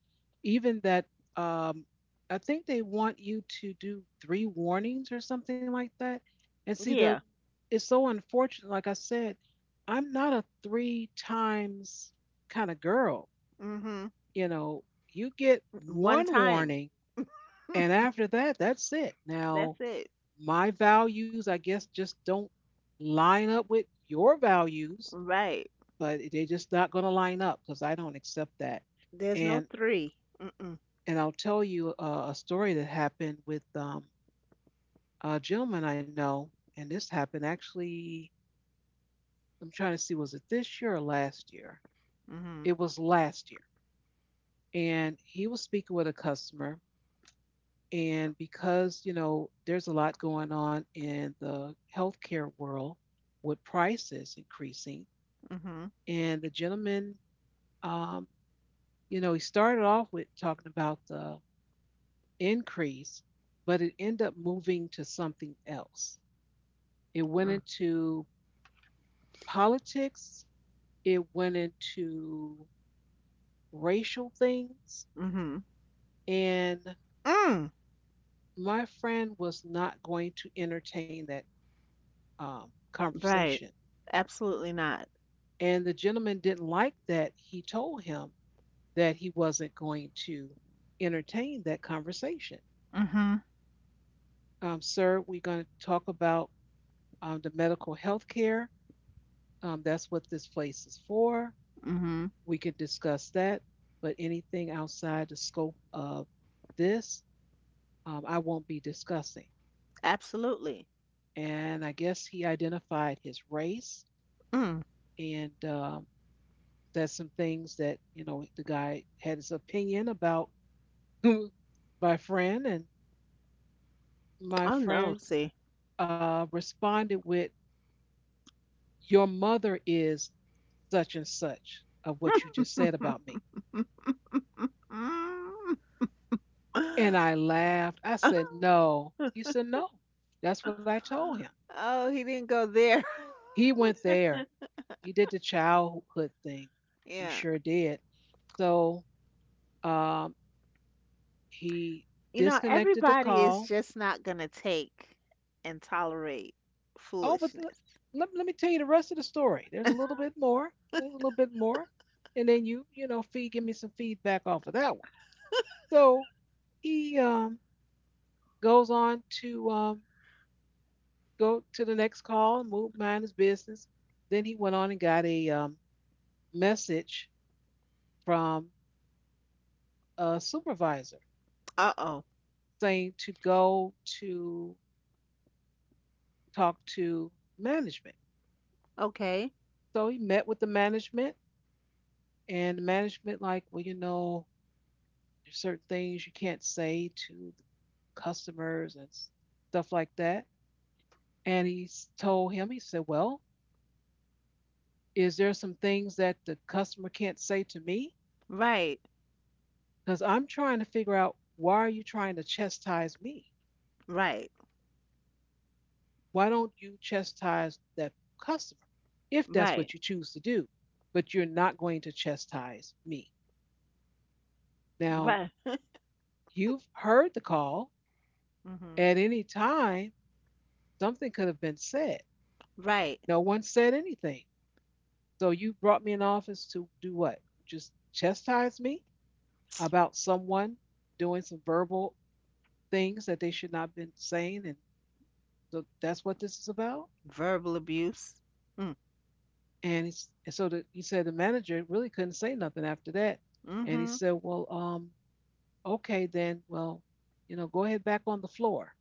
Speaker 1: even that, um, I think they want you to do three warnings or something like that. And see, the
Speaker 2: Yeah.
Speaker 1: it's so unfortunate. Like I said, I'm not a three times kind of girl.
Speaker 2: Hmm.
Speaker 1: You know, you get
Speaker 2: One
Speaker 1: one
Speaker 2: time.
Speaker 1: warning, and after that, that's it.
Speaker 2: That's
Speaker 1: Now,
Speaker 2: it.
Speaker 1: my values, I guess, just don't line up with your values,
Speaker 2: Right.
Speaker 1: but they're just not going to line up because I don't accept that.
Speaker 2: There's no
Speaker 1: And
Speaker 2: three. Mm-mm.
Speaker 1: And I'll tell you a story that happened with a gentleman I know, and this happened actually. I'm trying to see, was it this year or last year?
Speaker 2: Mm-hmm.
Speaker 1: It was last year, and he was speaking with a customer. And because you know, there's a lot going on in the healthcare world with prices increasing,
Speaker 2: Mm-hmm.
Speaker 1: and the gentleman, um, you know, he started off with talking about the increase, but it ended up moving to something else. It went
Speaker 2: Mm.
Speaker 1: into politics, it went into racial things,
Speaker 2: Mm-hmm.
Speaker 1: and
Speaker 2: Mm.
Speaker 1: my friend was not going to entertain that
Speaker 2: Right.
Speaker 1: conversation.
Speaker 2: Absolutely not.
Speaker 1: And the gentleman didn't like that he told him that he wasn't going to entertain that conversation.
Speaker 2: Mm-hmm.
Speaker 1: Sir, we're going to talk about, the medical health care. That's what this place is for.
Speaker 2: Mm-hmm.
Speaker 1: We could discuss that, but anything outside the scope of this, I won't be discussing.
Speaker 2: Absolutely.
Speaker 1: And I guess he identified his race
Speaker 2: Mm.
Speaker 1: and said some things that, you know, the guy had his opinion about my friend, and my
Speaker 2: Oh no,
Speaker 1: friend
Speaker 2: see.
Speaker 1: responded with, your mother is such and such of what you just said about me. And I laughed. I said, no. He said, no. That's what I told him.
Speaker 2: Oh, he didn't go there.
Speaker 1: He went there. He did the childhood thing. He
Speaker 2: Yeah.
Speaker 1: sure did. So um, he
Speaker 2: You know,
Speaker 1: disconnected the
Speaker 2: everybody is
Speaker 1: call.
Speaker 2: just not going to take and tolerate
Speaker 1: Oh, but
Speaker 2: foolishness.
Speaker 1: let, let me tell you the rest of the story. There's a little bit more. A little bit more. And then you know, feed, give me some feedback off of that one. So he, goes on to, go to the next call and move, mind his business. Then he went on and got a, message from a supervisor
Speaker 2: Uh-oh.
Speaker 1: saying to go to talk to management.
Speaker 2: Okay.
Speaker 1: So he met with the management, and the management like, well, you know, there's certain things you can't say to the customers and stuff like that. And he told him, he said, well, is there some things that the customer can't say to me?
Speaker 2: Right.
Speaker 1: Because I'm trying to figure out why are you trying to chastise me?
Speaker 2: Right.
Speaker 1: Why don't you chastise that customer if that's
Speaker 2: Right.
Speaker 1: what you choose to do? But you're not going to chastise me. Now,
Speaker 2: Right.
Speaker 1: you've heard the call.
Speaker 2: Mhm.
Speaker 1: At any time, something could have been said.
Speaker 2: Right.
Speaker 1: No one said anything. So you brought me in office to do what? Just chastise me about someone doing some verbal things that they should not have been saying. And so that's what this is about.
Speaker 2: Verbal abuse. Mm.
Speaker 1: And, he's, and so the, he said the manager really couldn't say nothing after that. And he
Speaker 2: Mhm.
Speaker 1: said, well, okay, then, well, you know, go ahead back on the floor.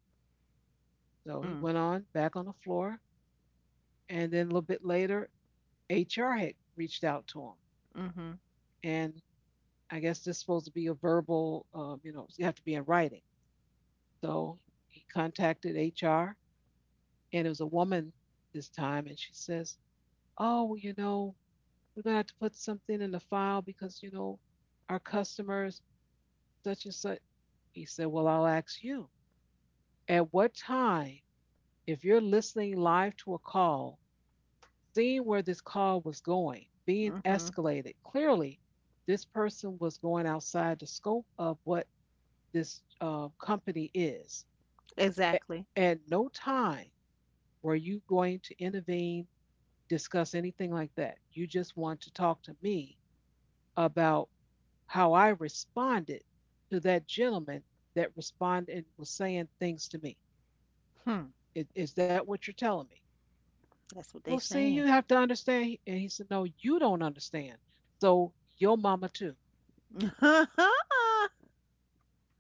Speaker 1: So he
Speaker 2: Mm.
Speaker 1: went on back on the floor. And then a little bit later, HR had reached out to him
Speaker 2: Mhm.
Speaker 1: and I guess this is supposed to be a verbal, you know, you have to be in writing. So he contacted HR, and it was a woman this time, and she says, "Oh, well, you know, we're gonna have to put something in the file because you know, our customers such and such." He said, "Well, I'll ask you. At what time, if you're listening live to a call, seeing where this call was going, being
Speaker 2: Mhm.
Speaker 1: escalated, clearly." This person was going outside the scope of what this company is. A-
Speaker 2: Exactly.
Speaker 1: At no time were you going to intervene, discuss anything like that. You just want to talk to me about how I responded to that gentleman that responded and was saying things to me.
Speaker 2: Hmm.
Speaker 1: Is that what you're telling me?
Speaker 2: That's what
Speaker 1: Well,
Speaker 2: they
Speaker 1: see, you
Speaker 2: saying.
Speaker 1: have to understand. And he said, no, you don't understand. So your mama too.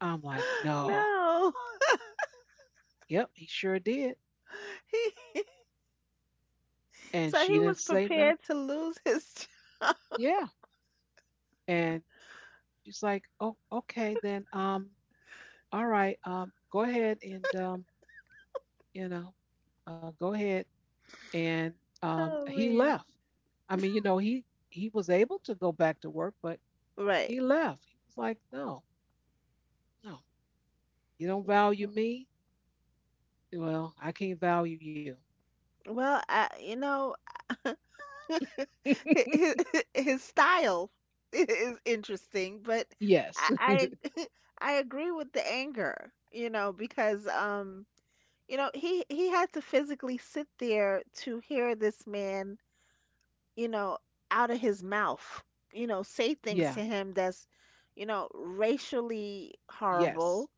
Speaker 1: I'm like, no.
Speaker 2: No.
Speaker 1: Yep, he sure did.
Speaker 2: He,
Speaker 1: And
Speaker 2: so
Speaker 1: she
Speaker 2: he
Speaker 1: didn't
Speaker 2: was
Speaker 1: say nothing.
Speaker 2: prepared to lose his job.
Speaker 1: Yeah. And she's like, "Oh, okay then. All right. Go ahead and, you know, go ahead." And
Speaker 2: Oh
Speaker 1: he
Speaker 2: man.
Speaker 1: left. I mean, you know, he was able to go back to work, but
Speaker 2: Right.
Speaker 1: he left. He was like, "No, no, you don't value me. Well, I can't value you."
Speaker 2: Well, I, you know, hi- hi- his style is interesting, but
Speaker 1: Yes.
Speaker 2: I I, I agree with the anger, you know, because you know, he had to physically sit there to hear this man, you know, out of his mouth, you know, say things
Speaker 1: yeah.
Speaker 2: to him that's, you know, racially horrible,
Speaker 1: Yes.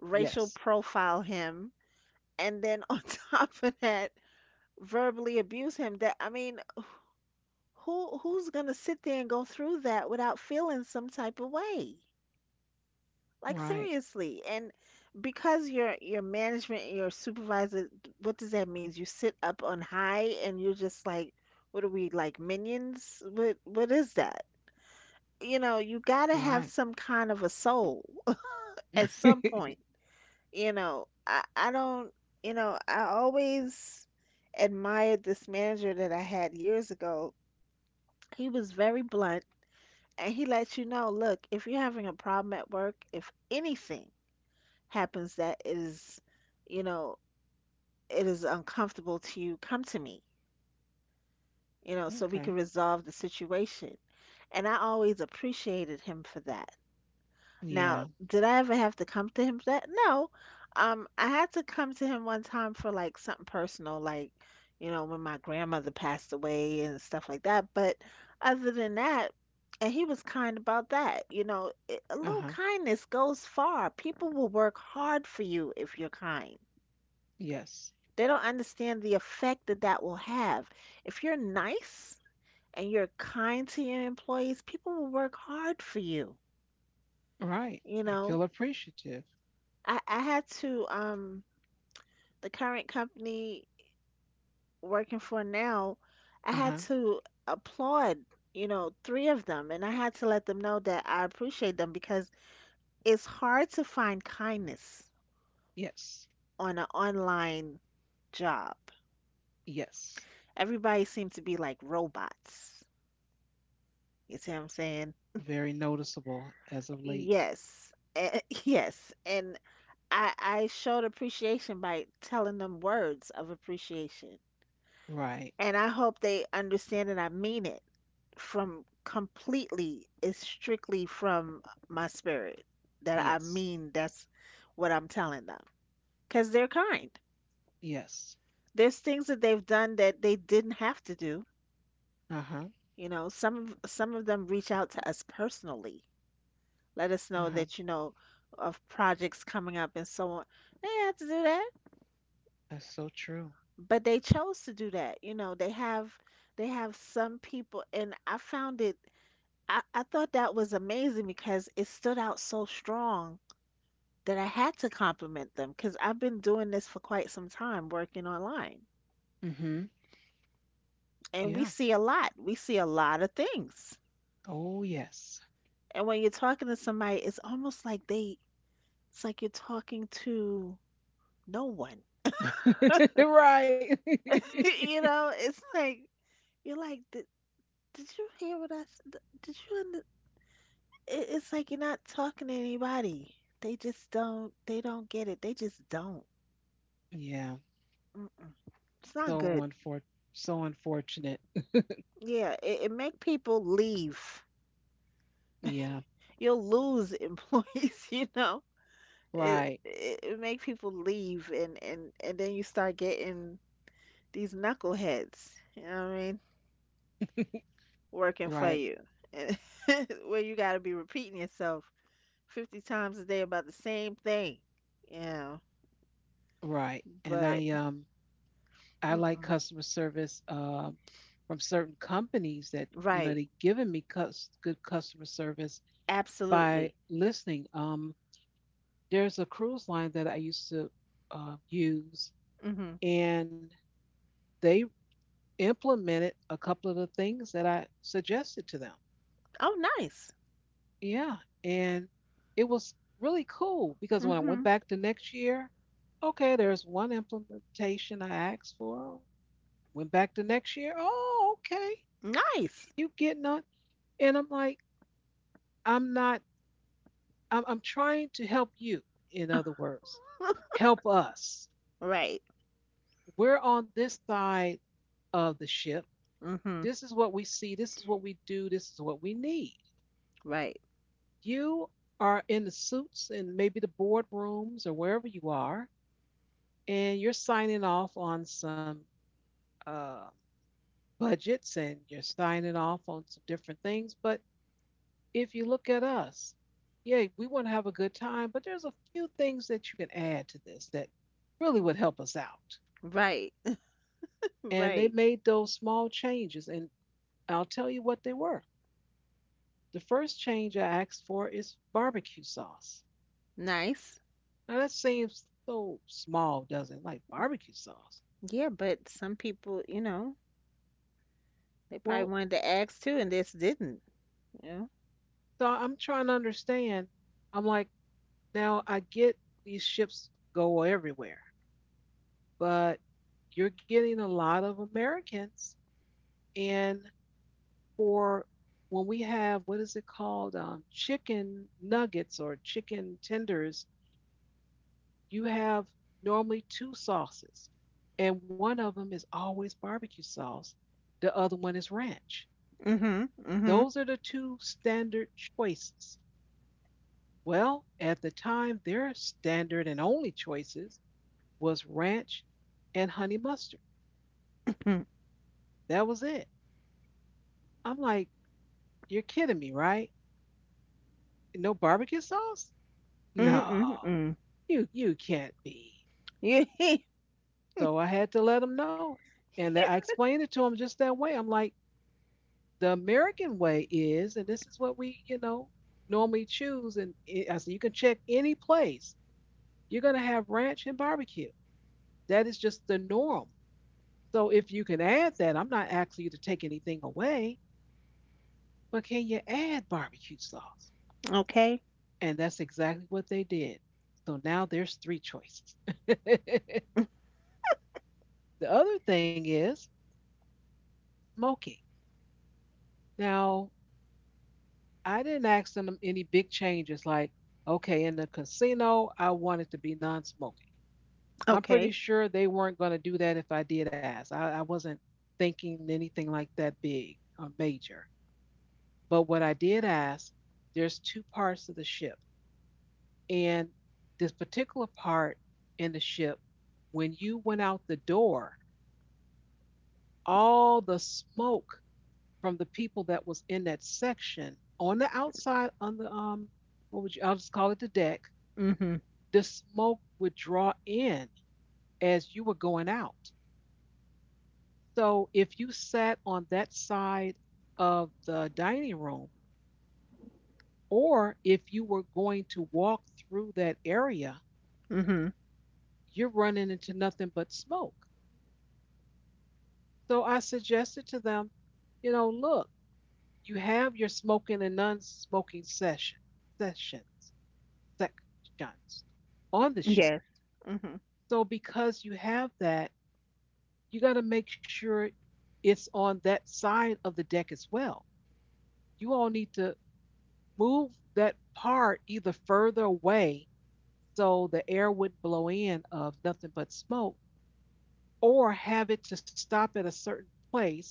Speaker 2: racial
Speaker 1: Yes.
Speaker 2: profile him, and then on top of that, verbally abuse him. That I mean, who's gonna sit there and go through that without feeling some type of way? Like
Speaker 1: Right.
Speaker 2: seriously. And because your management and your supervisor, what does that mean? You sit up on high and you're just like, what are we like minions? What is that? You know, you gotta have
Speaker 1: Right.
Speaker 2: some kind of a soul at some point. You know, I don't, you know, I always admired this manager that I had years ago. He was very blunt and he lets you know, look, if you're having a problem at work, if anything happens that is, you know, it is uncomfortable to you, come to me, you know, so we can
Speaker 1: okay.
Speaker 2: resolve the situation. And I always appreciated him for that. Now,
Speaker 1: Yeah.
Speaker 2: did I ever have to come to him for that? No. I had to come to him one time for like something personal, like, you know, when my grandmother passed away and stuff like that. But other than that, and he was kind about that, you know, a
Speaker 1: Uh
Speaker 2: little
Speaker 1: huh.
Speaker 2: kindness goes far. People will work hard for you if you're kind.
Speaker 1: Yes.
Speaker 2: They don't understand the effect that that will have. If you're nice and you're kind to your employees, people will work hard for you,
Speaker 1: Right.
Speaker 2: you
Speaker 1: They
Speaker 2: know.
Speaker 1: feel appreciative.
Speaker 2: I had to the current company working for now, I
Speaker 1: Uh huh.
Speaker 2: had to applaud, you know, three of them, and I had to let them know that I appreciate them because it's hard to find kindness
Speaker 1: Yes.
Speaker 2: on an online job.
Speaker 1: Yes.
Speaker 2: Everybody seems to be like robots. You see what I'm saying?
Speaker 1: Very noticeable as of late.
Speaker 2: Yes. Eh, yes. And I showed appreciation by telling them words of appreciation.
Speaker 1: Right.
Speaker 2: And I hope they understand that I mean it. From completely it's strictly from my spirit that I
Speaker 1: Yes.
Speaker 2: mean that's what I'm telling them because they're kind.
Speaker 1: Yes.
Speaker 2: There's things that they've done that they didn't have to do.
Speaker 1: Uh huh.
Speaker 2: You know, some of them reach out to us personally, let us
Speaker 1: Uh
Speaker 2: know
Speaker 1: huh.
Speaker 2: that you know of projects coming up and so on. They didn't have to do that,
Speaker 1: That's so true.
Speaker 2: but they chose to do that. You know, they have some people, and I found it. I thought that was amazing because it stood out so strong that I had to compliment them because I've been doing this for quite some time working online.
Speaker 1: Mm-hmm.
Speaker 2: And
Speaker 1: Yeah.
Speaker 2: we see a lot. We see a lot of things.
Speaker 1: Oh, yes.
Speaker 2: And when you're talking to somebody, it's almost like it's like you're talking to no one.
Speaker 1: right.
Speaker 2: You know, it's like, you're like, did you hear what I said? Did you, under-" It- it's like you're not talking to anybody. They just don't, they don't get it. They just don't.
Speaker 1: Yeah.
Speaker 2: Mm-mm. It's not
Speaker 1: So
Speaker 2: good.
Speaker 1: unfor- so unfortunate.
Speaker 2: Yeah, it make people leave.
Speaker 1: Yeah.
Speaker 2: You'll lose employees, you know.
Speaker 1: Right.
Speaker 2: It make people leave and and then you start getting these knuckleheads, you know what I mean, working for
Speaker 1: Right.
Speaker 2: you. And where you got to be repeating yourself 50 times a day about the same thing. You know,
Speaker 1: Right. And
Speaker 2: but
Speaker 1: I like
Speaker 2: mm-mm.
Speaker 1: customer service from certain companies that you know
Speaker 2: Right,
Speaker 1: they've given me good customer service by
Speaker 2: absolutely.
Speaker 1: listening. Um, there's a cruise line that I used to use,
Speaker 2: Mhm.
Speaker 1: and they implemented a couple of the things that I suggested to them.
Speaker 2: Oh, nice.
Speaker 1: Yeah, and it was really cool because when I went
Speaker 2: Mhm.
Speaker 1: back the next year, okay, there's one implementation I asked for. Went back the next year, oh, okay,
Speaker 2: Nice.
Speaker 1: you getting on? And I'm like, I'm not. I'm trying to help you. In other words, help us.
Speaker 2: Right.
Speaker 1: We're on this side of the ship.
Speaker 2: Mhm.
Speaker 1: This is what we see. This is what we do. This is what we need.
Speaker 2: Right.
Speaker 1: You are in the suits and maybe the boardrooms or wherever you are, and you're signing off on some uh, budgets, and you're signing off on some different things. But if you look at us, yeah, we want to have a good time, but there's a few things that you can add to this that really would help us out.
Speaker 2: Right.
Speaker 1: And they
Speaker 2: Right.
Speaker 1: made those small changes, and I'll tell you what they were. The first change I asked for is barbecue sauce.
Speaker 2: Nice.
Speaker 1: Now that seems so small, doesn't it? Like barbecue sauce.
Speaker 2: Yeah, but some people, you know, they probably
Speaker 1: Well,
Speaker 2: wanted to ask too, and this didn't. You know.
Speaker 1: so I'm trying to understand. I'm like, now I get these ships go everywhere, but you're getting a lot of Americans. And for when we have, what is it called? Chicken nuggets or chicken tenders, you have normally two sauces, and one of them is always barbecue sauce, the other one is ranch.
Speaker 2: Mhm. Mhm.
Speaker 1: Those are the two standard choices. Well, at the time, their standard and only choices was ranch and honey mustard.
Speaker 2: Mm.
Speaker 1: That was it. I'm like, you're kidding me, right? No barbecue sauce?
Speaker 2: Mm. Mm.
Speaker 1: No,
Speaker 2: Mm.
Speaker 1: you can't be.
Speaker 2: Yeah.
Speaker 1: So I had to let them know, and I explained it to them just that way. I'm like, the American way is, and this is what we, normally choose. And it, I said, you can check any place. You're gonna have ranch and barbecue. That is just the norm. So if you can add that, I'm not asking you to take anything away, but can you add barbecue sauce?
Speaker 2: Okay.
Speaker 1: And that's exactly what they did. So now there's three choices. The other thing is smoking. Now, I didn't ask them any big changes like, okay, in the casino, I want it to be non smoking. I'm pretty
Speaker 2: Okay.
Speaker 1: sure they weren't going to do that if I did ask. I wasn't thinking anything like that big or major. But what I did ask, there's two parts of the ship. And this particular part in the ship, when you went out the door, all the smoke from the people that was in that section on the outside on the what would you, I'll just call it the deck,
Speaker 2: Mhm.
Speaker 1: the smoke would draw in as you were going out. So if you sat on that side of the dining room, or if you were going to walk through that area,
Speaker 2: Mhm.
Speaker 1: you're running into nothing but smoke. So I suggested to them, you know, look, you have your smoking and non-smoking session sessions sections on the ship.
Speaker 2: Yes. Mhm.
Speaker 1: So because you have that, you got to make sure it's on that side of the deck as well. You all need to move that part either further away so the air wouldn't blow in of nothing but smoke, or have it to stop at a certain place.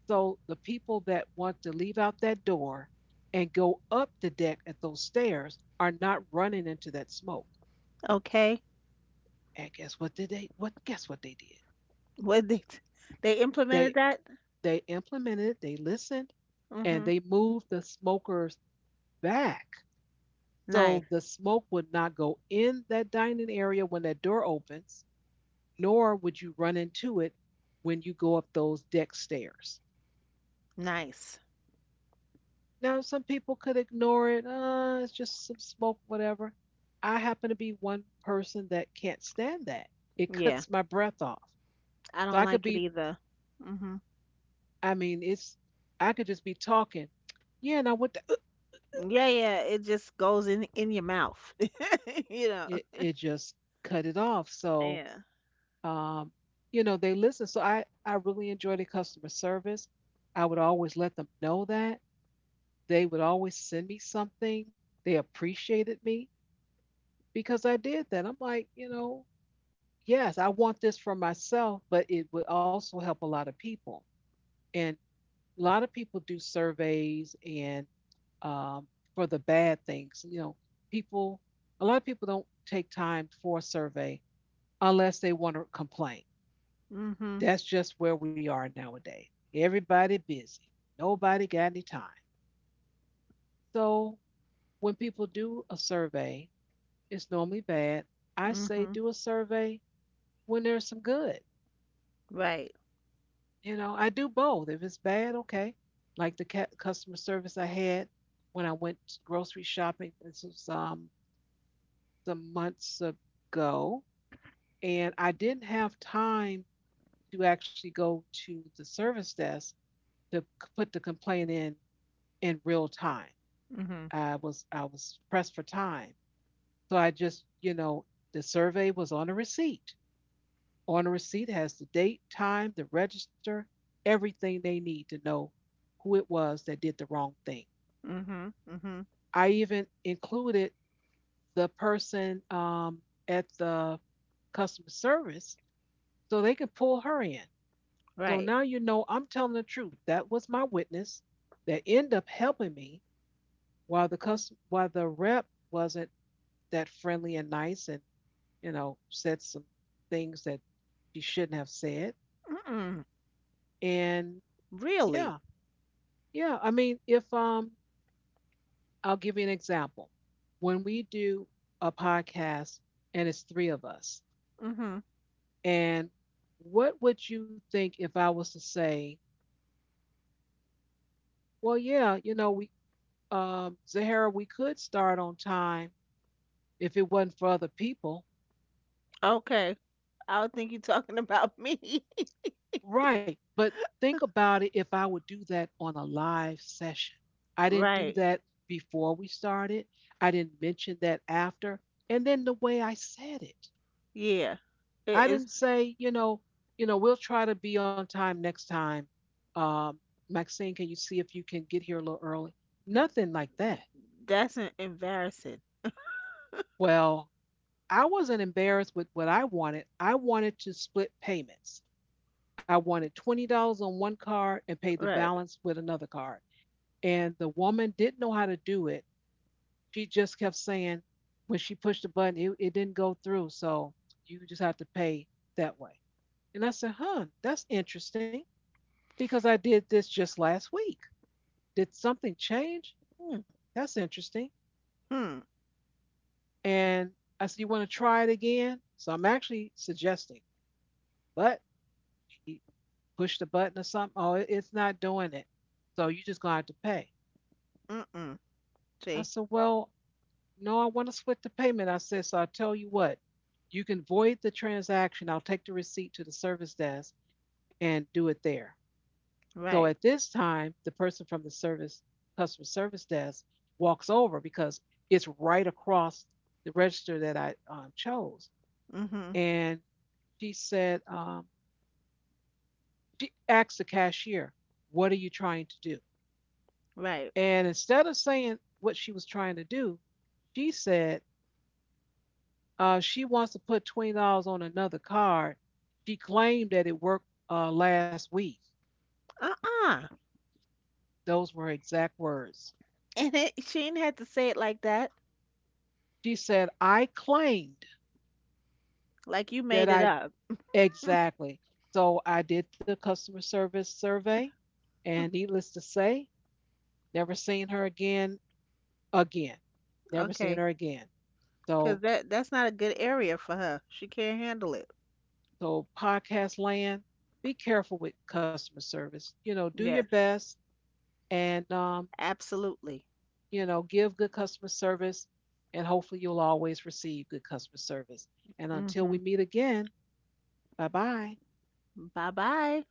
Speaker 1: So the people that want to leave out that door and go up the deck at those stairs are not running into that smoke.
Speaker 2: Okay.
Speaker 1: And guess what did they, what guess what they did?
Speaker 2: What they they
Speaker 1: They
Speaker 2: implemented that?
Speaker 1: they implemented it, they listened, and
Speaker 2: Mhm.
Speaker 1: they moved the smokers back. So
Speaker 2: Nice.
Speaker 1: the smoke would not go in that dining area when that door opens, nor would you run into it when you go up those deck stairs.
Speaker 2: Nice.
Speaker 1: Now, some people could ignore it. It's just some smoke, whatever. I happen to be one person that can't stand that. It
Speaker 2: Yeah.
Speaker 1: cuts my breath off.
Speaker 2: I
Speaker 1: So
Speaker 2: don't
Speaker 1: I could
Speaker 2: like it
Speaker 1: be,
Speaker 2: either. Mhm.
Speaker 1: I mean, it's, I could just be talking. Yeah, and I went, to,
Speaker 2: Yeah, yeah. It just goes in your mouth. You know.
Speaker 1: it just cut it off. So,
Speaker 2: Yeah.
Speaker 1: um, you know, they listen. So I really enjoy the customer service. I would always let them know that. They would always send me something. They appreciated me because I did that. I'm like, you know, yes, I want this for myself, but it would also help a lot of people. And a lot of people do surveys, and um, for the bad things. You know, people, a lot of people don't take time for a survey unless they want to complain.
Speaker 2: Mhm.
Speaker 1: That's just where we are nowadays. Everybody busy, nobody got any time. So when people do a survey, it's normally bad. I say
Speaker 2: Mhm.
Speaker 1: do a survey when there's some good.
Speaker 2: Right.
Speaker 1: You know, I do both. If it's bad, okay. Like the customer service I had when I went grocery shopping, this was some months ago, and I didn't have time to actually go to the service desk to put the complaint in real time.
Speaker 2: Mhm.
Speaker 1: I was pressed for time, so I just, you know, the survey was on a receipt. On a receipt has the date, time, the register, everything they need to know who it was that did the wrong thing.
Speaker 2: Mhm. Mhm.
Speaker 1: I even included the person, at the customer service so they can pull her in. So now
Speaker 2: Right.
Speaker 1: you know I'm telling the truth. That was my witness that ended up helping me while the while the rep wasn't that friendly and nice, and you know, said some things that she shouldn't have said.
Speaker 2: Mm-mm.
Speaker 1: And
Speaker 2: Really?
Speaker 1: yeah, yeah, I mean, if I'll give you an example. When we do a podcast and it's three of us,
Speaker 2: Hmm.
Speaker 1: and what would you think if I was to say, well, yeah, you know, we, Zahara, we could start on time if it wasn't for other people.
Speaker 2: Okay. I would think you're talking about me.
Speaker 1: Right. But think about it if I would do that on a live session. I didn't do
Speaker 2: Right.
Speaker 1: that before we started, I didn't mention that after, and then the way I said it.
Speaker 2: Yeah. It
Speaker 1: I
Speaker 2: is.
Speaker 1: didn't say, you know, we'll try to be on time next time. Um, Maxine, can you see if you can get here a little early? Nothing like that.
Speaker 2: That's embarrassing.
Speaker 1: Well, I wasn't embarrassed with what I wanted. I wanted to split payments. I wanted $20 on one card and pay the
Speaker 2: Right.
Speaker 1: balance with another card. And the woman didn't know how to do it. She just kept saying when she pushed the button, it didn't go through. So you just have to pay that way. And I said, huh, that's interesting, because I did this just last week. Did something change? Hmm, that's interesting.
Speaker 2: Hmm.
Speaker 1: And I said, you want to try it again? So I'm actually suggesting, but he pushed the button or something. Oh, it's not doing it. So you're just going to have to pay.
Speaker 2: Mm-mm.
Speaker 1: I
Speaker 2: See.
Speaker 1: said, well, no, I want to split the payment. I said, so I'll tell you what, you can void the transaction. I'll take the receipt to the service desk and do it there. So at
Speaker 2: Right.
Speaker 1: this time, the person from the customer service desk walks over because it's right across the register that I, chose.
Speaker 2: Mm-hmm.
Speaker 1: And she said, she asked the cashier, what are you trying to do?
Speaker 2: Right.
Speaker 1: And instead of saying what she was trying to do, she said she wants to put $20 on another card. She claimed that it worked last week.
Speaker 2: Uh-uh.
Speaker 1: Those were her exact words.
Speaker 2: And it, she didn't have to say it like that.
Speaker 1: She said, I claimed
Speaker 2: Like you
Speaker 1: that
Speaker 2: made it
Speaker 1: I—
Speaker 2: up.
Speaker 1: exactly. So I did the customer service survey, and needless to say, never seen her again. Again, never seen
Speaker 2: Okay.
Speaker 1: her again.
Speaker 2: Because
Speaker 1: So,
Speaker 2: that that's not a good area for her. She can't handle it.
Speaker 1: podcast land, be careful with customer service. You know, do your
Speaker 2: Yes.
Speaker 1: best, and
Speaker 2: Absolutely.
Speaker 1: you know, give good customer service, and hopefully you'll always receive good customer service. And until
Speaker 2: Mm-hmm.
Speaker 1: we meet again, bye bye.
Speaker 2: Bye-bye.